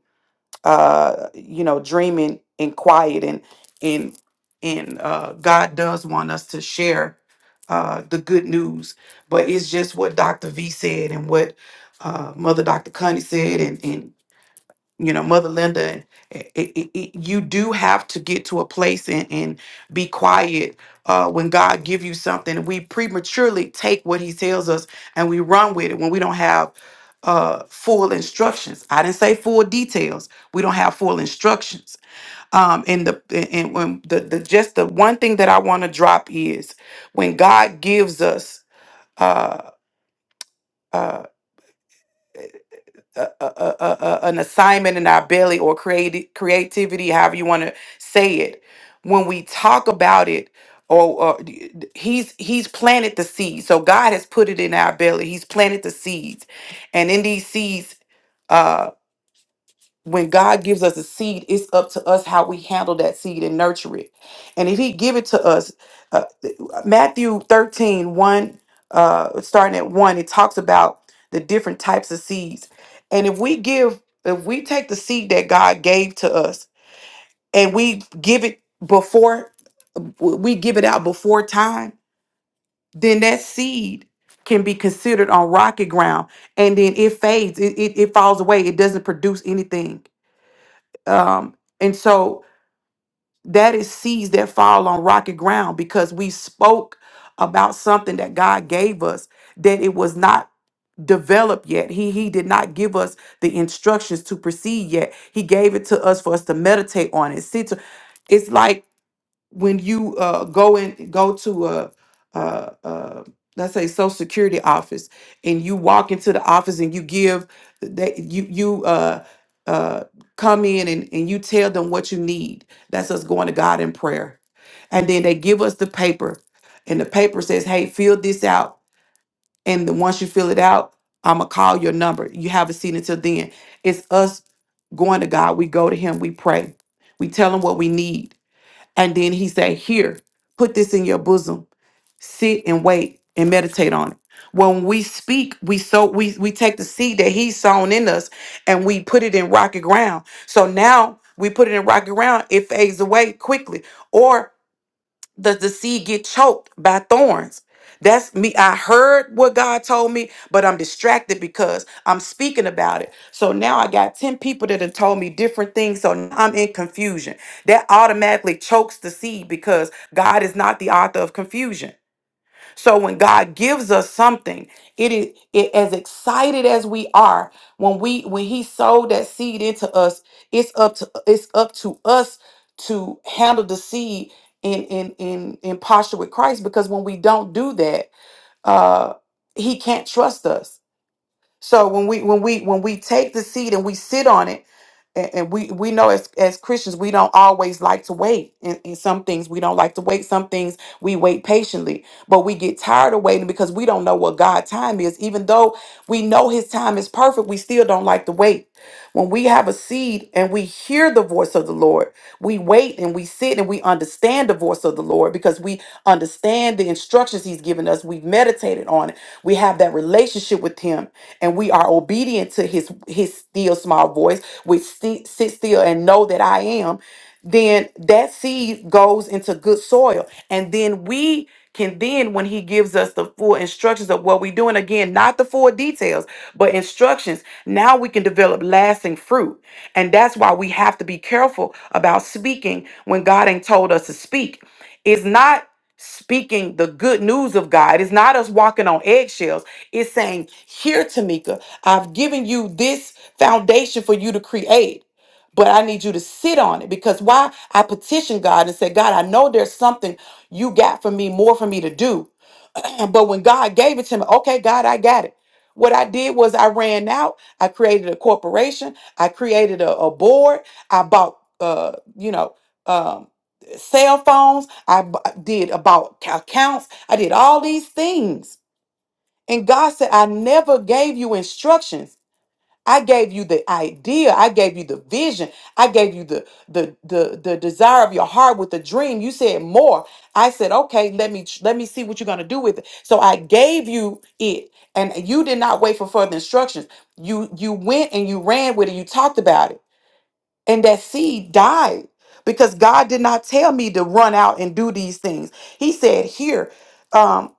uh you know dreaming in quiet and and and uh god does want us to share uh the good news but it's just what dr v said and what uh mother dr connie said and and you know mother linda it, it, it, you do have to get to a place and, and be quiet uh, when god give you something we prematurely take what he tells us and we run with it when we don't have uh, full instructions i didn't say full details we don't have full instructions um, and the and and when the, the just the one thing that i want to drop is when god gives us uh, uh, a, a, a, a- an assignment in our belly or creati- creativity, however you want to say it. When we talk about it, or, or d- d- he's he's planted the seed. So God has put it in our belly. He's planted the seeds, and in these seeds. uh, when God gives us a seed, it's up to us how we handle that seed and nurture it. And if He give it to us, uh, Matthew thirteen one, uh, starting at 1, it talks about the different types of seeds. And if we give, if we take the seed that God gave to us and we give it before, we give it out before time, then that seed can be considered on rocky ground and then it fades, it, it, it falls away, it doesn't produce anything um, and so that is seeds that fall on rocky ground because we spoke about something that God gave us that it was not developed yet. He he did not give us the instructions to proceed yet. He gave it to us for us to meditate on it. See, to, it's like when you uh, go and go to a, a, a let's say social security office and you walk into the office and you give that you you uh, uh, come in and, and you tell them what you need that's us going to god in prayer and then they give us the paper and the paper says hey fill this out and then once you fill it out i'm gonna call your number you haven't seen it till then it's us going to god we go to him we pray we tell him what we need and then he said, Here, put this in your bosom. Sit and wait and meditate on it. When we speak, we sow, we we take the seed that he's sown in us and we put it in rocky ground. So now we put it in rocky ground, it fades away quickly. or." does the seed get choked by thorns? That's me. I heard what God told me, but I'm distracted because I'm speaking about it. So now I got 10 people that have told me different things. So now I'm in confusion. That automatically chokes the seed because God is not the author of confusion. So when God gives us something, it is it, as excited as we are when we when He sowed that seed into us. It's up to it's up to us to handle the seed in in in in posture with Christ. Because when we don't do that, uh, He can't trust us so when we when we when we take the seed and we sit on it, and, and we we know as as Christians we don't always like to wait. In, in some things we don't like to wait. Some things we wait patiently, but we get tired of waiting because we don't know what God's time is. Even though we know His time is perfect, we still don't like to wait. When we have a seed and we hear the voice of the Lord, we wait and we sit and we understand the voice of the Lord because we understand the instructions he's given us. We've meditated on it. We have that relationship with him and we are obedient to his his still small voice, which sti- sit still and know that I am, then that seed goes into good soil. And then we can then when he gives us the full instructions of what we're doing again not the full details but instructions now we can develop lasting fruit and that's why we have to be careful about speaking when god ain't told us to speak it's not speaking the good news of God. It's not us walking on eggshells. It's saying, Here, Tamika, I've given you this foundation for you to create, but I need you to sit on it. Because why? I petitioned God and say, God, I know there's something you got for me, more for me to do. but when God gave it to me, okay, God, I got it. What I did was I ran out. I created a corporation. I created a, a board. I bought, uh, you know, um, cell phones. I b- uh, did about accounts. I did all these things. And God said, I never gave you instructions. I gave you the idea. I gave you the vision. I gave you the the the, the desire of your heart with the dream. You said more. I said, okay, let me let me see what you're gonna do with it. So I gave you it, and you did not wait for further instructions. You you went and you ran with it. You talked about it and that seed died because God did not tell me to run out and do these things. He said, "Here." Um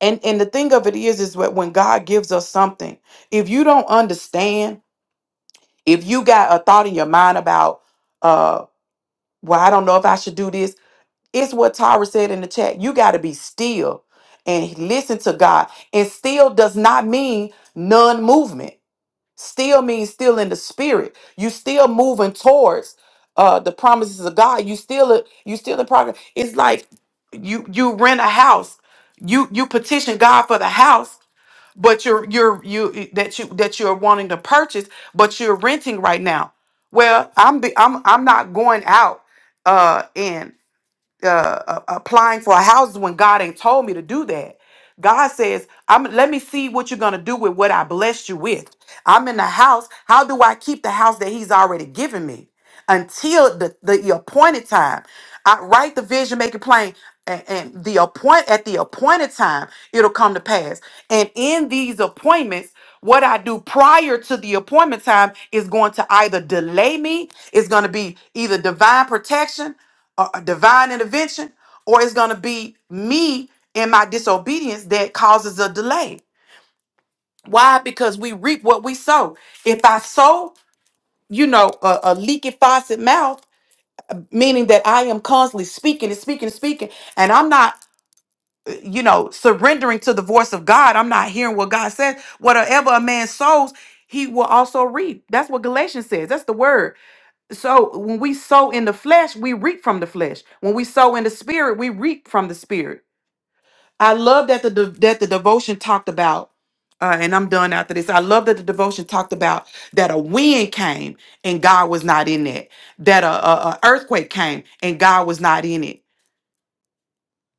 and and the thing of it is is that when God gives us something, if you don't understand, if you got a thought in your mind about uh well, I don't know if I should do this, it's what Tyra said in the chat. You got to be still and listen to God. And still does not mean none movement. Still means still in the spirit. You still moving towards uh the promises of God. You still you still in progress. It's like you you rent a house. You you petition God for the house, but you're you're you that you that you're wanting to purchase, but you're renting right now. Well, I'm be, I'm I'm not going out uh in uh, uh, applying for houses when God ain't told me to do that. God says, "I'm let me see what you're gonna do with what I blessed you with. I'm in the house. How do I keep the house that He's already given me until the the appointed time? I write the vision, make it plain." And, and the appoint at the appointed time it'll come to pass and in these appointments what i do prior to the appointment time is going to either delay me it's going to be either divine protection a, a divine intervention or it's going to be me and my disobedience that causes a delay. Why? Because we reap what we sow. If I sow, you know, a, a leaky faucet mouth, meaning that I am constantly speaking and speaking and speaking, and I'm not, uh, you know, surrendering to the voice of God. I'm not hearing what God says. Whatever a man sows, he will also reap. That's what Galatians says. That's the word. So when we sow in the flesh, we reap from the flesh. When we sow in the spirit, we reap from the spirit. I love that the de- that the devotion talked about, uh, and I'm done after this. I love that the devotion talked about that a wind came and God was not in it. That a, a, a earthquake came and God was not in it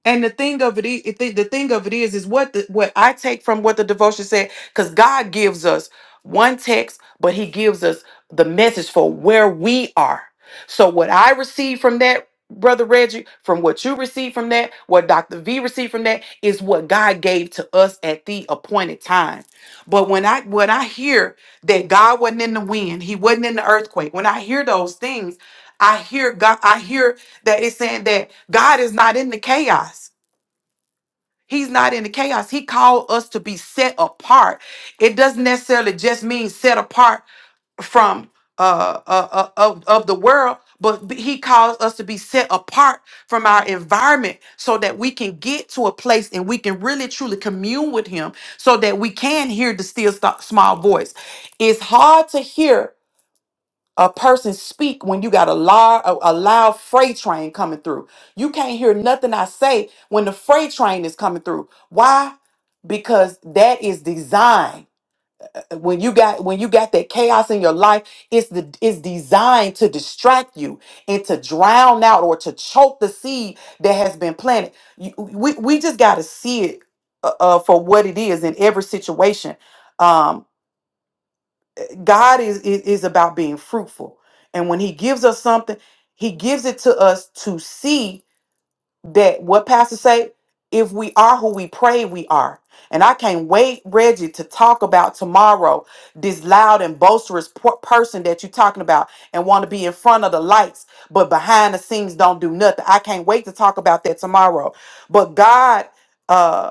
and the thing of it, is, the thing of it is, is what the, what I take from what the devotion said, because God gives us one text, but He gives us the message for where we are. So what I receive from that, brother Reggie, from what you receive from that, what Doctor V received from that, is what God gave to us at the appointed time. But when I when I hear that God wasn't in the wind, He wasn't in the earthquake. When I hear those things, I hear God. I hear that is saying that God is not in the chaos. He's not in the chaos. He called us to be set apart. It doesn't necessarily just mean set apart from uh, uh, uh of, of the world, but b- he calls us to be set apart from our environment so that we can get to a place and we can really truly commune with him so that we can hear the still sto- small voice. It's hard to hear a person speak when you got a large a, a loud freight train coming through you can't hear nothing i say when the freight train is coming through why because that is design Uh, when you got when you got that chaos in your life it's the it's designed to distract you and to drown out or to choke the seed that has been planted You- we, we just got to see it uh, uh, for what it is in every situation Um, God is, is is about being fruitful. And when he gives us something, he gives it to us to see that what pastor say, if we are who we pray we are. And I can't wait, Reggie, to talk about tomorrow this loud and boisterous por- person that you're talking about and want to be in front of the lights, but behind the scenes don't do nothing. I can't wait to talk about that tomorrow. But God uh,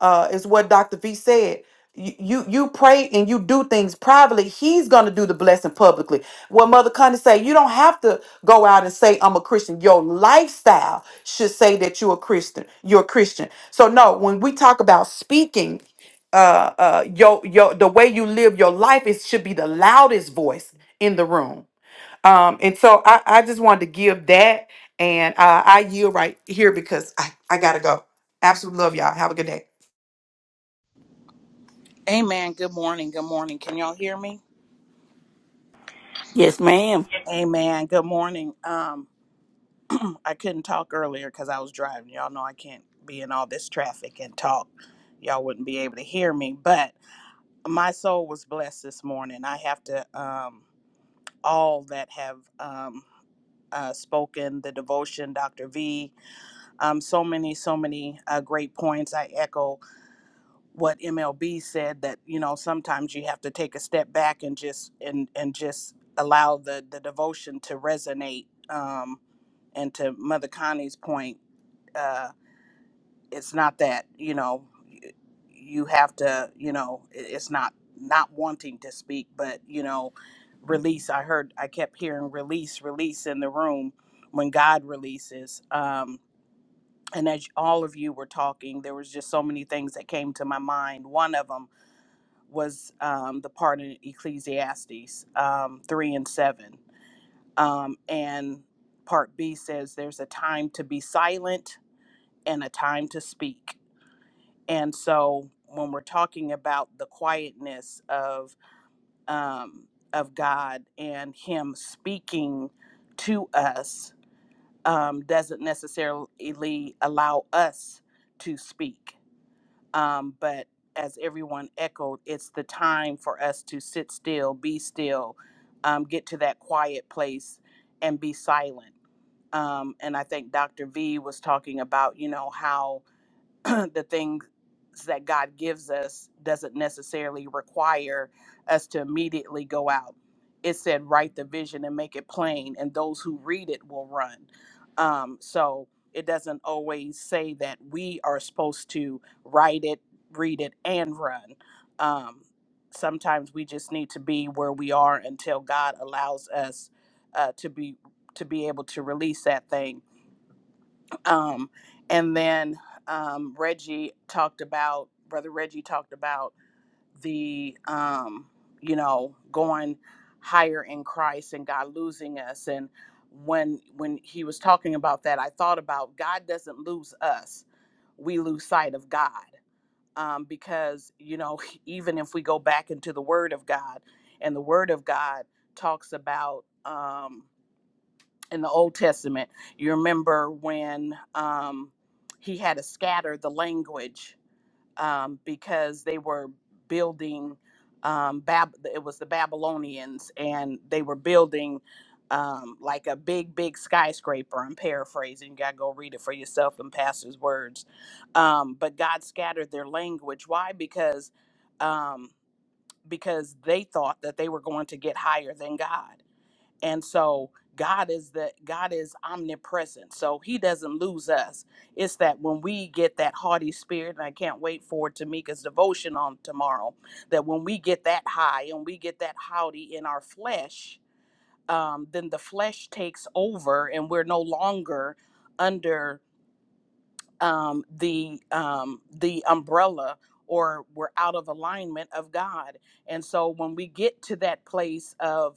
uh, is what Dr. V said. You, you you pray and you do things privately. He's gonna do the blessing publicly. What Mother Connie say, you don't have to go out and say I'm a Christian. Your lifestyle should say that you're a Christian. You're a Christian. So no, when we talk about speaking, uh, uh, your your the way you live your life, it should be the loudest voice in the room. Um, and so I I just wanted to give that, and uh, I yield right here because I I gotta go. Absolutely love y'all. Have a good day. Amen. Good morning. Good morning. Can y'all hear me? Yes, ma'am. Amen. Good morning. Um, I couldn't talk earlier because I was driving. Y'all know I can't be in all this traffic and talk. Y'all wouldn't be able to hear me. But my soul was blessed this morning. I have to um, all that have um, uh, spoken the devotion, Dr. V. Um, so many, so many uh, great points. I echo. what MLB said that you know sometimes you have to take a step back and just and and just allow the the devotion to resonate. Um, and to Mother Connie's point, uh, it's not that you know y- you have to you know i- it's not not wanting to speak, but you know release. I heard I kept hearing release, release in the room when God releases. Um, and as all of you were talking, there was just so many things that came to my mind. One of them was um, the part in Ecclesiastes um, 3 and 7. Um, and part B says there's a time to be silent and a time to speak. And so when we're talking about the quietness of, um, of God and Him speaking to us, um, doesn't necessarily allow us to speak Um, but as everyone echoed, it's the time for us to sit still, be still, um, get to that quiet place and be silent. Um, and I think Dr. V was talking about, you know, how the things that God gives us doesn't necessarily require us to immediately go out. It said, write the vision and make it plain, and those who read it will run. Um, so it doesn't always say that we are supposed to write it, read it, and run. Um, sometimes we just need to be where we are until God allows us uh, to be to be able to release that thing um, and then um, Reggie talked about, Brother Reggie talked about the, um, you know, going higher in Christ and God losing us. And when when he was talking about that, I thought about God doesn't lose us; we lose sight of God. Um, because you know, even if we go back into the Word of God, and the Word of God talks about. Um, in the Old Testament. You remember when um, he had to scatter the language um, because they were building um, Bab. It was the Babylonians, and they were building um, like a big, big skyscraper. I'm paraphrasing. You gotta go read it for yourself in pastor's words. Um, but God scattered their language. Why? Because um, because they thought that they were going to get higher than God and so god is the god is omnipresent so he doesn't lose us it's that when we get that haughty spirit and i can't wait for tamika's devotion on tomorrow that when we get that high and we get that haughty in our flesh um, then the flesh takes over and we're no longer under um, the um, the umbrella or we're out of alignment of god and so when we get to that place of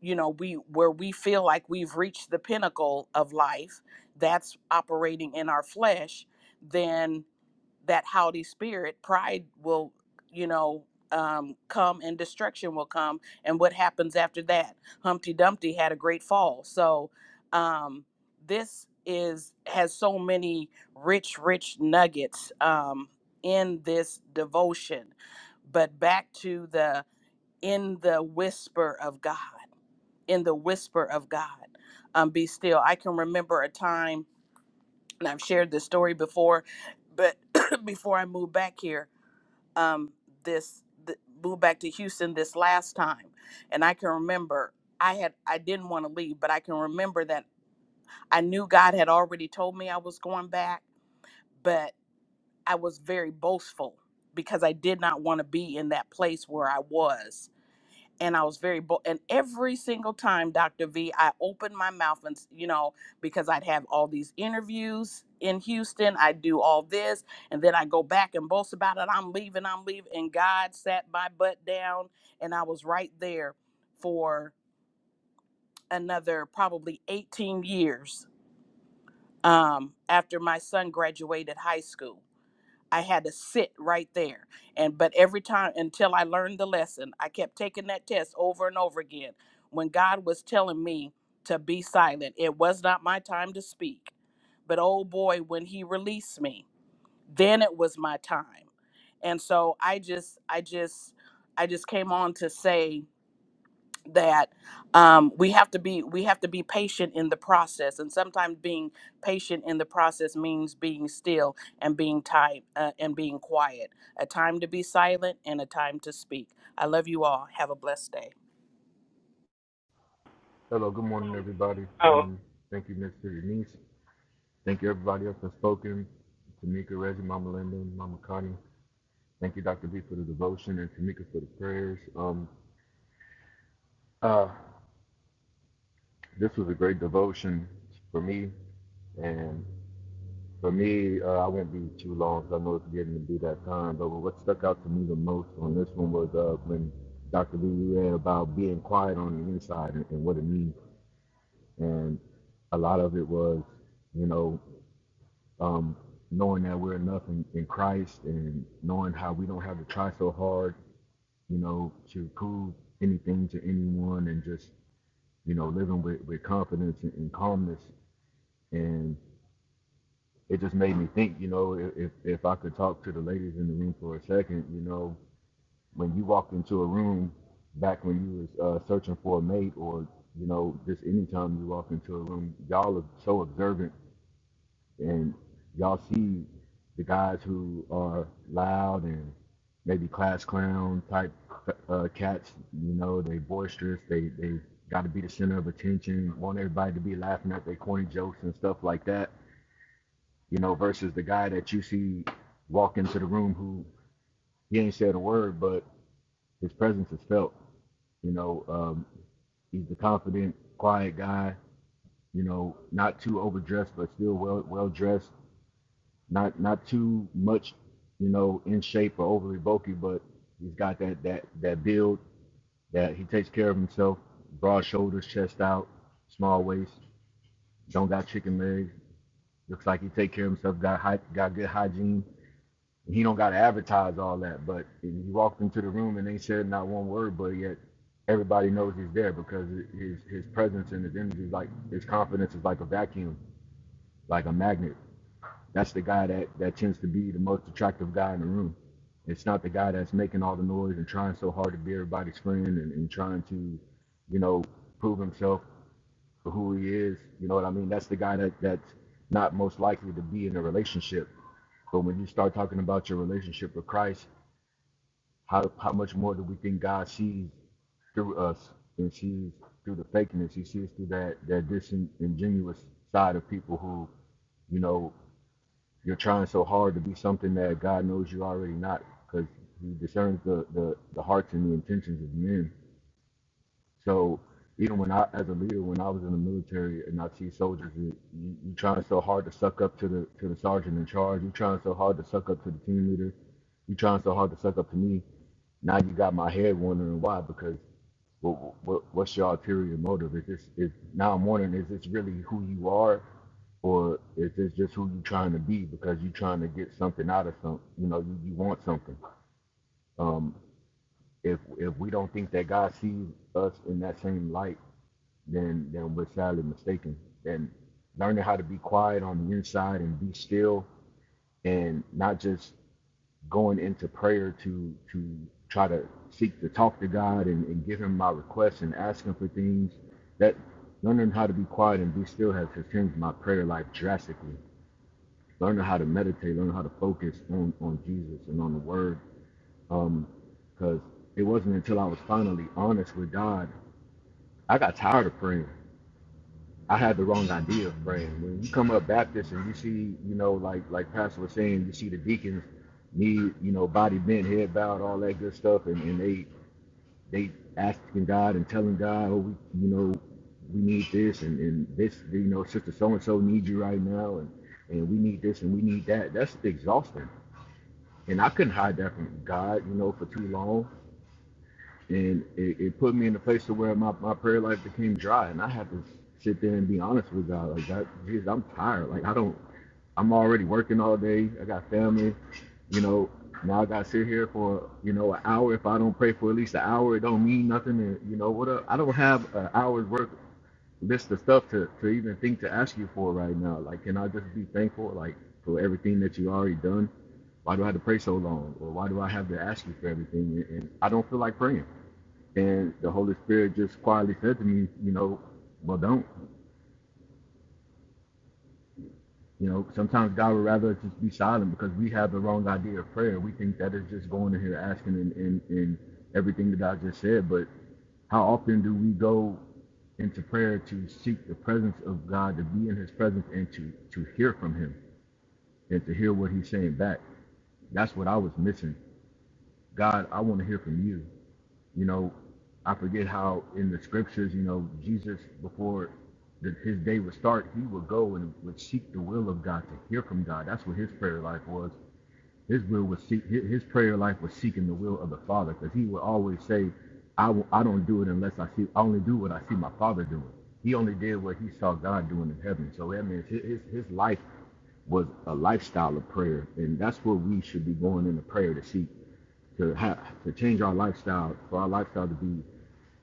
you know we where we feel like we've reached the pinnacle of life that's operating in our flesh then that haughty spirit pride will you know um, come and destruction will come and what happens after that humpty dumpty had a great fall so um, this is has so many rich rich nuggets um, in this devotion but back to the in the whisper of god in the whisper of God. Um, be still. I can remember a time, and I've shared this story before, but before I moved back here, um, this th- moved back to Houston this last time, and I can remember I had I didn't want to leave, but I can remember that I knew God had already told me I was going back, but I was very boastful because I did not want to be in that place where I was and I was very bold. And every single time, Dr. V, I opened my mouth and, you know, because I'd have all these interviews in Houston, I'd do all this, and then I go back and boast about it. I'm leaving, I'm leaving. And God sat my butt down, and I was right there for another probably 18 years um, after my son graduated high school. I had to sit right there. And but every time until I learned the lesson, I kept taking that test over and over again. When God was telling me to be silent, it was not my time to speak. But oh boy, when he released me, then it was my time. And so I just I just I just came on to say that um, we have to be we have to be patient in the process and sometimes being patient in the process means being still and being tight uh, and being quiet a time to be silent and a time to speak i love you all have a blessed day Hello, good morning, everybody. Oh, Um, thank you, Mr. Denise. Thank you, everybody else that's spoken. Tamika, Reggie, Mama Linda, Mama Connie. Thank you, Dr. B, for the devotion and Tamika for the prayers. Um, uh, this was a great devotion for me. And for me, uh, I won't be too long 'cause I know it's getting to be that time. But what stuck out to me the most on this one was uh, when Dr. B read about being quiet on the inside and, and what it means. And a lot of it was, you know, um, knowing that we're enough in, in Christ and knowing how we don't have to try so hard, you know, to prove anything to anyone and just, you know, living with, with confidence and, and calmness. And it just made me think, you know, if, if I could talk to the ladies in the room for a second, you know, when you walked into a room back when you was uh, searching for a mate or, you know, just anytime you walk into a room, y'all are so observant and y'all see the guys who are loud and maybe class clown type uh, cats. You know, they boisterous. They they got to be the center of attention. Want everybody to be laughing at their corny jokes and stuff like that. You know, versus the guy that you see walk into the room who he ain't said a word, but his presence is felt. You know, um, he's the confident, quiet guy. You know, not too overdressed, but still well well dressed. not not too much, you know, in shape or overly bulky, but he's got that that that build that he takes care of himself. Broad shoulders, chest out, small waist. Don't got chicken legs. Looks like he take care of himself. Got hy- got good hygiene. He don't got to advertise all that, but he walked into the room and they said not one word, but yet everybody knows he's there because his his presence and his energy like his confidence is like a vacuum, like a magnet. That's the guy that, that tends to be the most attractive guy in the room. It's not the guy that's making all the noise and trying so hard to be everybody's friend and, and trying to, you know, prove himself for who he is. You know what I mean? That's the guy that, that's not most likely to be in a relationship. But when you start talking about your relationship with Christ, how, how much more do we think God sees through us and sees through the fakeness? He sees through that, that disingenuous side of people who, you know, you're trying so hard to be something that God knows you're already not, because He discerns the, the, the hearts and the intentions of men. So even when I, as a leader, when I was in the military and I see soldiers, you, you, you trying so hard to suck up to the to the sergeant in charge. You trying so hard to suck up to the team leader. You trying so hard to suck up to me. Now you got my head wondering why because what, what what's your ulterior motive? Is this is now I'm wondering is this really who you are, or is this just who you trying to be because you trying to get something out of some you know you, you want something. Um, if if we don't think that God sees us in that same light then then we're sadly mistaken. And learning how to be quiet on the inside and be still, and not just going into prayer to to try to seek to talk to God and, and give Him my requests and ask Him for things. That learning how to be quiet and be still has, has changed my prayer life drastically. Learning how to meditate, learning how to focus on on Jesus and on the Word, Um, because it wasn't until I was finally honest with God, I got tired of praying. I had the wrong idea, friend. When you come up Baptist and you see, you know, like like Pastor was saying, you see the deacons need, you know, body bent, head bowed, all that good stuff, and, and they they asking God and telling God, oh, we, you know, we need this and, and this, you know, sister so and so needs you right now, and and we need this and we need that. That's exhausting, and I couldn't hide that from God, you know, for too long and it, it put me in a place to where my, my prayer life became dry and i had to sit there and be honest with god like that Jesus, i'm tired like i don't i'm already working all day i got family you know now i gotta sit here for you know an hour if i don't pray for at least an hour it don't mean nothing and you know what up? i don't have an hour's worth list of stuff to, to even think to ask you for right now like can i just be thankful like for everything that you already done why do i have to pray so long or why do i have to ask you for everything and i don't feel like praying and the Holy Spirit just quietly said to me, you know, well, don't. You know, sometimes God would rather just be silent because we have the wrong idea of prayer. We think that is just going in here asking and, and, and everything that I just said. But how often do we go into prayer to seek the presence of God, to be in His presence, and to to hear from Him and to hear what He's saying back? That's what I was missing. God, I want to hear from you. You know, I forget how in the scriptures, you know, Jesus before the, his day would start, he would go and would seek the will of God to hear from God. That's what his prayer life was. His will was seek, his prayer life was seeking the will of the Father, because he would always say, I will, I don't do it unless I see. I only do what I see my Father doing. He only did what he saw God doing in heaven. So that means his his, his life was a lifestyle of prayer, and that's what we should be going into prayer to seek, to have, to change our lifestyle, for our lifestyle to be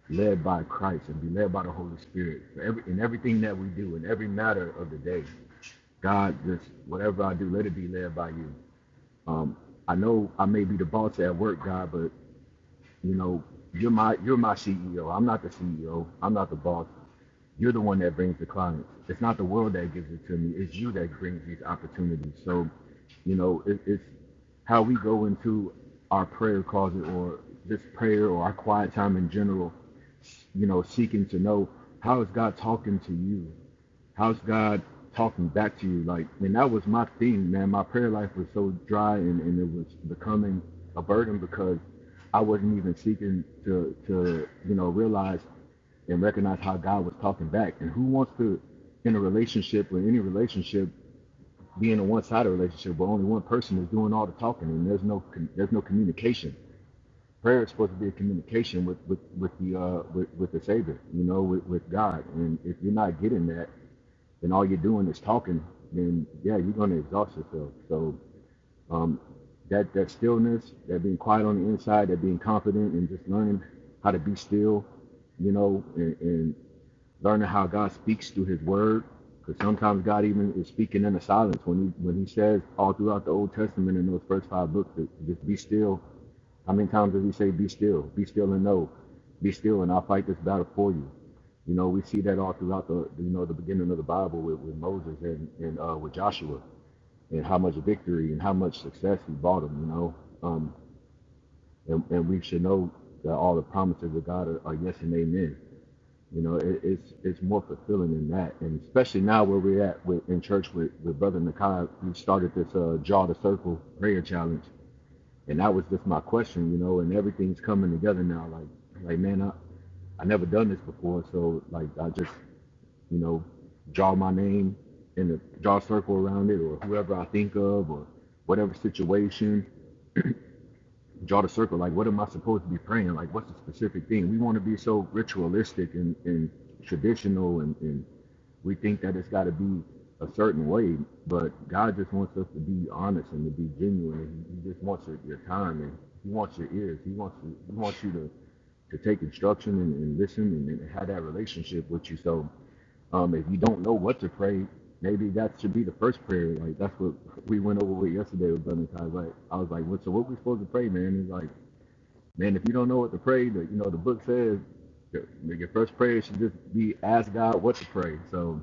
led by Christ and be led by the Holy Spirit for every in everything that we do in every matter of the day. God, just whatever I do, let it be led by you. I know I may be the boss at work guy, but you know, you're my you're my CEO. I'm not the CEO. I'm not the boss. You're the one that brings the clients. It's not the world that gives it to me. It's you that brings these opportunities. So, you know, it, it's how we go into our prayer closet or this prayer or our quiet time in general. You know, seeking to know how is God talking to you How's God talking back to you? Like, and that was my thing, man. My prayer life was so dry, and, and it was becoming a burden because I wasn't even seeking to to you know realize and recognize how God was talking back. And who wants to, in a relationship or any relationship, be in a one-sided relationship where only one person is doing all the talking and there's no there's no communication. Prayer is supposed to be a communication with with with the uh, with, with the Savior, you know, with, with God. And if you're not getting that, and all you're doing is talking, then yeah, you're going to exhaust yourself. So um, that that stillness, that being quiet on the inside, that being confident, and just learning how to be still, you know, and, and learning how God speaks through His Word. Because sometimes God even is speaking in the silence when He when He says all throughout the Old Testament in those first five books, to just be still how many times does he say, Be still, be still and know, be still, and I'll fight this battle for you? You know, we see that all throughout the you know the beginning of the Bible with, with Moses and, and uh, with Joshua and how much victory and how much success he brought him, you know. Um and, and we should know that all the promises of God are, are yes and amen. You know, it, it's it's more fulfilling than that. And especially now where we're at with in church with, with Brother Nakai, we started this uh, Draw the Circle prayer challenge and that was just my question, you know, and everything's coming together now. Like, like man, I, I never done this before, so like I just, you know, draw my name and draw a circle around it or whoever I think of or whatever situation draw the circle. Like, what am I supposed to be praying? Like, what's the specific thing? We want to be so ritualistic and, and traditional, and, and we think that it's got to be a certain way. But God just wants us to be honest and to be genuine. he, he just wants your, your time and He wants your ears. He wants you, He wants you to to take instruction and, and listen and, and have that relationship with you. So um, if you don't know what to pray, maybe that should be the first prayer. Like that's what we went over with yesterday with Brother Ty. Like I was like, what? So what we supposed to pray, man? He's like, man, if you don't know what to pray, the, you know the book says your, your first prayer should just be ask God what to pray. So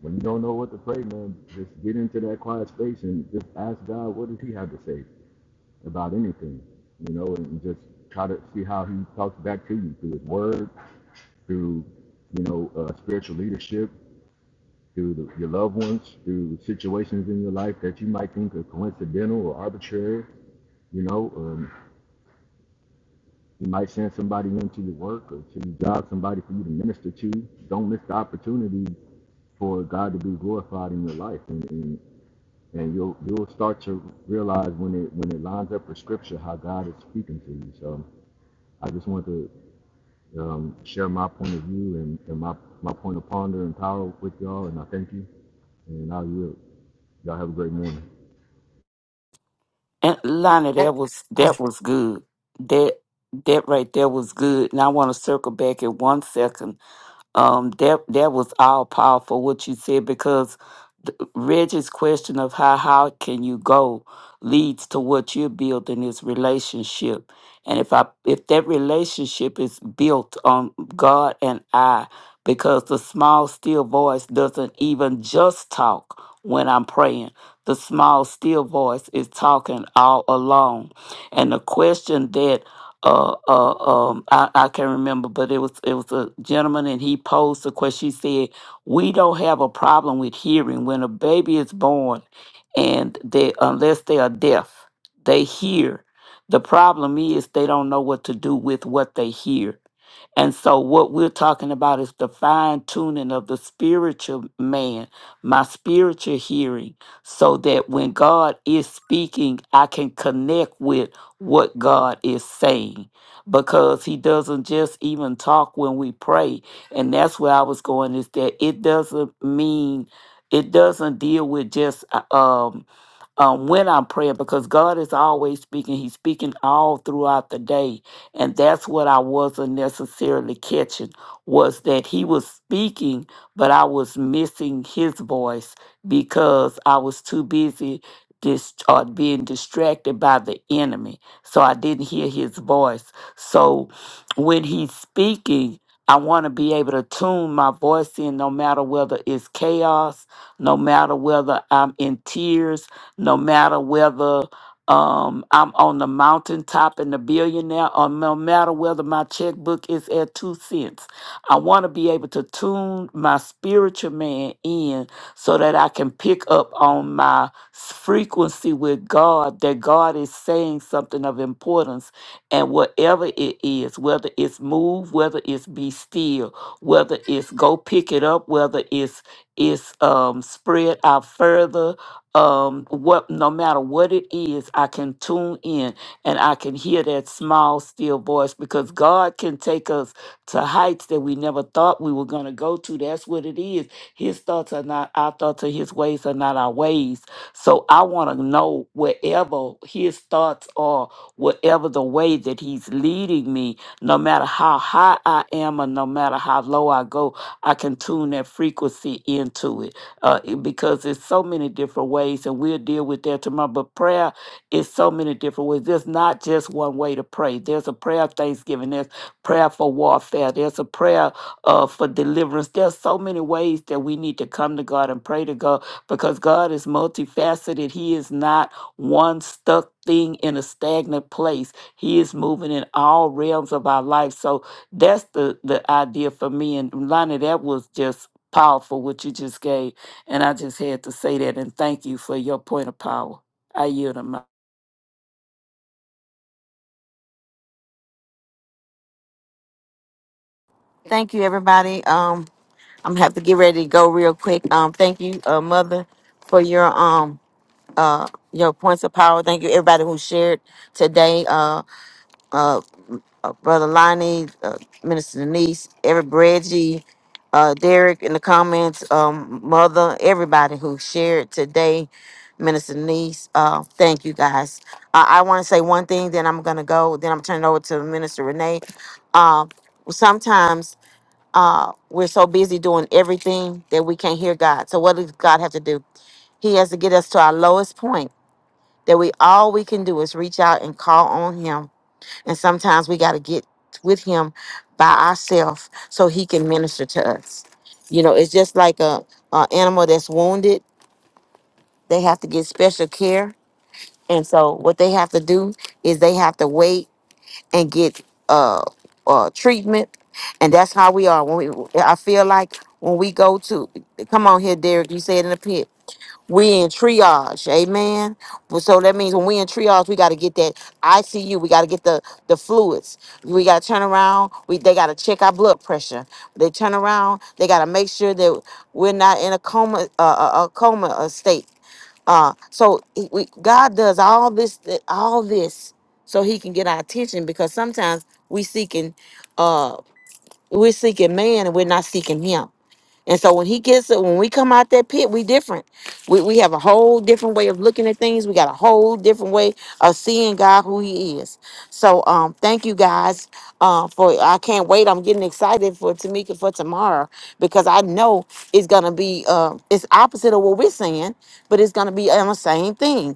when you don't know what to pray, man, just get into that quiet space and just ask God what does He have to say about anything, you know, and just try to see how He talks back to you through His Word, through you know uh, spiritual leadership through the, your loved ones, through situations in your life that you might think are coincidental or arbitrary. You know, um, you might send somebody into your work or to your job, somebody for you to minister to. Don't miss the opportunity for God to be glorified in your life, and and, and you'll you'll start to realize when it when it lines up with Scripture how God is speaking to you. So I just want to um, share my point of view and, and my my point of ponder and power with y'all, and I thank you, and I will. Y'all have a great morning. And Lana, Uh, that was uh, that was good. That that right there was good. And I want to circle back in one second. Um, that that was all powerful what you said because th- Reggie's question of how how can you go leads to what you're building is relationship, and if I if that relationship is built on God and I, because the small still voice doesn't even just talk when I'm praying. The small still voice is talking all along, and the question that. Uh, uh, um, I, I can't remember, but it was it was a gentleman, and he posed the question. He said, we don't have a problem with hearing when a baby is born and they unless they are deaf they hear the problem is they don't know what to do with what they hear and so, what we're talking about is the fine tuning of the spiritual man, my spiritual hearing, so that when God is speaking, I can connect with what God is saying. Because He doesn't just even talk when we pray. And that's where I was going is that it doesn't mean, it doesn't deal with just uh, um, um, when I'm praying because God is always speaking. He's speaking all throughout the day. And that's what I wasn't necessarily catching was that he was speaking, but I was missing his voice because I was too busy dis- or being distracted by the enemy. So I didn't hear his voice. So when he's speaking, I want to be able to tune my voice in no matter whether it's chaos, no matter whether I'm in tears, no matter whether um, I'm on the mountaintop and the billionaire, or no matter whether my checkbook is at two cents. I want to be able to tune my spiritual man in so that I can pick up on my s- frequency with God, that God is saying something of importance. And whatever it is, whether it's move, whether it's be still, whether it's go pick it up, whether it's it's um, spread out further, um what no matter what it is i can tune in and i can hear that small still voice because god can take us to heights that we never thought we were going to go to that's what it is his thoughts are not our thoughts and his ways are not our ways so i want to know wherever his thoughts are whatever the way that he's leading me no matter how high i am or no matter how low i go i can tune that frequency into it uh, it- because it's so many different ways, and we'll deal with that tomorrow. But prayer is so many different ways. There's not just one way to pray. There's a prayer of thanksgiving. There's prayer for warfare. There's a prayer uh, for deliverance. There's so many ways that we need to come to God and pray to God because God is multifaceted. He is not one stuck thing in a stagnant place. He is moving in all realms of our life. So that's the the idea for me. And Lonnie, that was just powerful what you just gave. And I just had to say that and thank you for your point of power. I yield the mic. Thank you, everybody. Um, I'm gonna have to get ready to go real quick. Um, thank you, uh, Mother, for your um uh your points of power. Thank you, everybody who shared today. Uh, Brother Lonnie, uh, Minister Denise, every Reggie, uh, Derek in the comments, um, Mother, everybody who shared today, Minister Denise, uh, thank you guys. Uh, I want to say one thing, then I'm going to go, then I'm turning it over to Minister Renee. Uh, sometimes uh, we're so busy doing everything that we can't hear God. So, what does God have to do? He has to get us to our lowest point that we all we can do is reach out and call on Him and sometimes we got to get with him by ourselves so he can minister to us. You know, it's just like a, a animal that's wounded. They have to get special care. And so what they have to do is they have to wait and get uh, uh treatment. And that's how we are. When we I feel like when we go to come on here, Derek, you said in the pit. We in triage, amen. Well, So that means when we in triage, we got to get that ICU. We got to get the the fluids. We got to turn around. We they got to check our blood pressure. They turn around. They got to make sure that we're not in a coma, uh, a a coma uh, state. Uh, so he- we, God does all this, th- all this, so He can get our attention because sometimes we seeking, uh, we're seeking man and we're not seeking Him and so when he gets when we come out that pit, we different. We we have a whole different way of looking at things. We got a whole different way of seeing God who he is. So um thank you guys uh for I can't wait. I'm getting excited for Tamika for tomorrow because I know it's gonna be uh it's opposite of what we're saying, but it's gonna be on the same thing.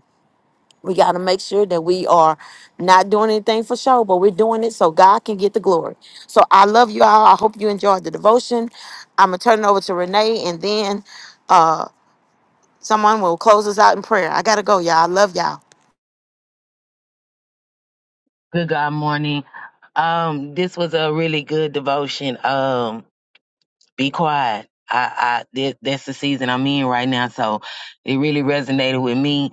We got to make sure that we are not doing anything for show, but we're doing it so God can get the glory. So I love you all. I hope you enjoyed the devotion. I'm going to turn it over to Renee and then uh, someone will close us out in prayer. I got to go, y'all. I love y'all. Good God morning. Um, this was a really good devotion. Um, be quiet. I, I, that, that's the season I'm in right now, so it really resonated with me.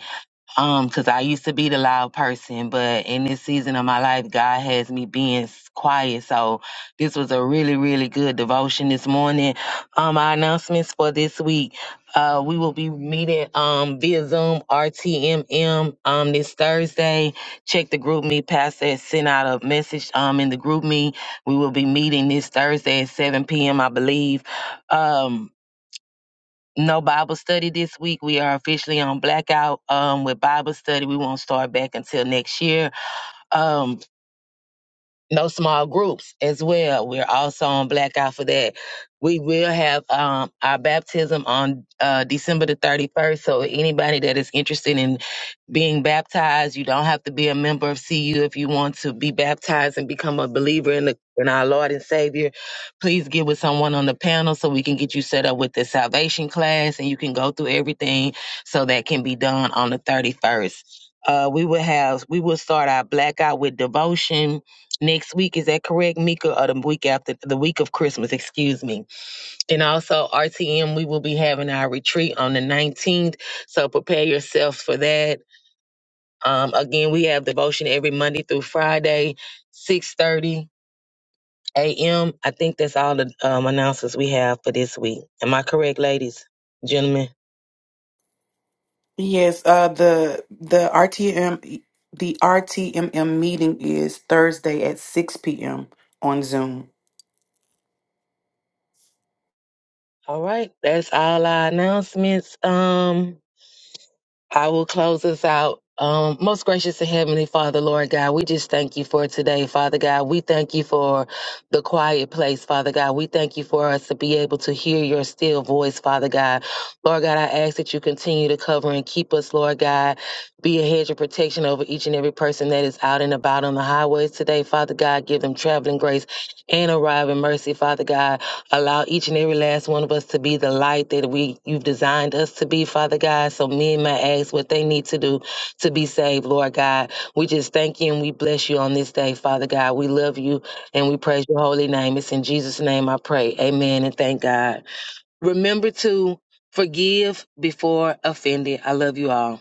Um, 'cause I used to be the loud person, but in this season of my life, God has me being s- quiet. So this was a really, really good devotion this morning. Um, our announcements for this week. Uh, we will be meeting um via Zoom RTMM um this Thursday. Check the group me. Pastor has sent out a message um in the group me. We will be meeting this Thursday at 7 p.m. I believe. Um no Bible study this week. We are officially on blackout um, with Bible study. We won't start back until next year. Um no small groups as well. We're also on blackout for that. We will have um, our baptism on uh, December the 31st. So anybody that is interested in being baptized, you don't have to be a member of CU if you want to be baptized and become a believer in the in our Lord and Savior. Please get with someone on the panel so we can get you set up with the salvation class and you can go through everything so that can be done on the 31st. Uh, we will have we will start our blackout with devotion next week. Is that correct, Mika? Or the week after the week of Christmas, excuse me. And also RTM, we will be having our retreat on the 19th. So prepare yourselves for that. Um, again, we have devotion every Monday through Friday, 6:30 a.m. I think that's all the um, announcements we have for this week. Am I correct, ladies, gentlemen? Yes, uh, the the RTM the RTMM meeting is Thursday at 6 p.m. on Zoom. All right, that's all our announcements. Um, I will close us out. Um, most gracious and heavenly Father, Lord God, we just thank you for today, Father God. We thank you for the quiet place, Father God. We thank you for us to be able to hear your still voice, Father God. Lord God, I ask that you continue to cover and keep us, Lord God. Be a hedge of protection over each and every person that is out and about on the highways today, Father God. Give them traveling grace and arriving mercy, Father God. Allow each and every last one of us to be the light that we you've designed us to be, Father God. So men may ask what they need to do to be saved, Lord God. We just thank you and we bless you on this day, Father God. We love you and we praise your holy name. It's in Jesus' name I pray. Amen and thank God. Remember to forgive before offended. I love you all.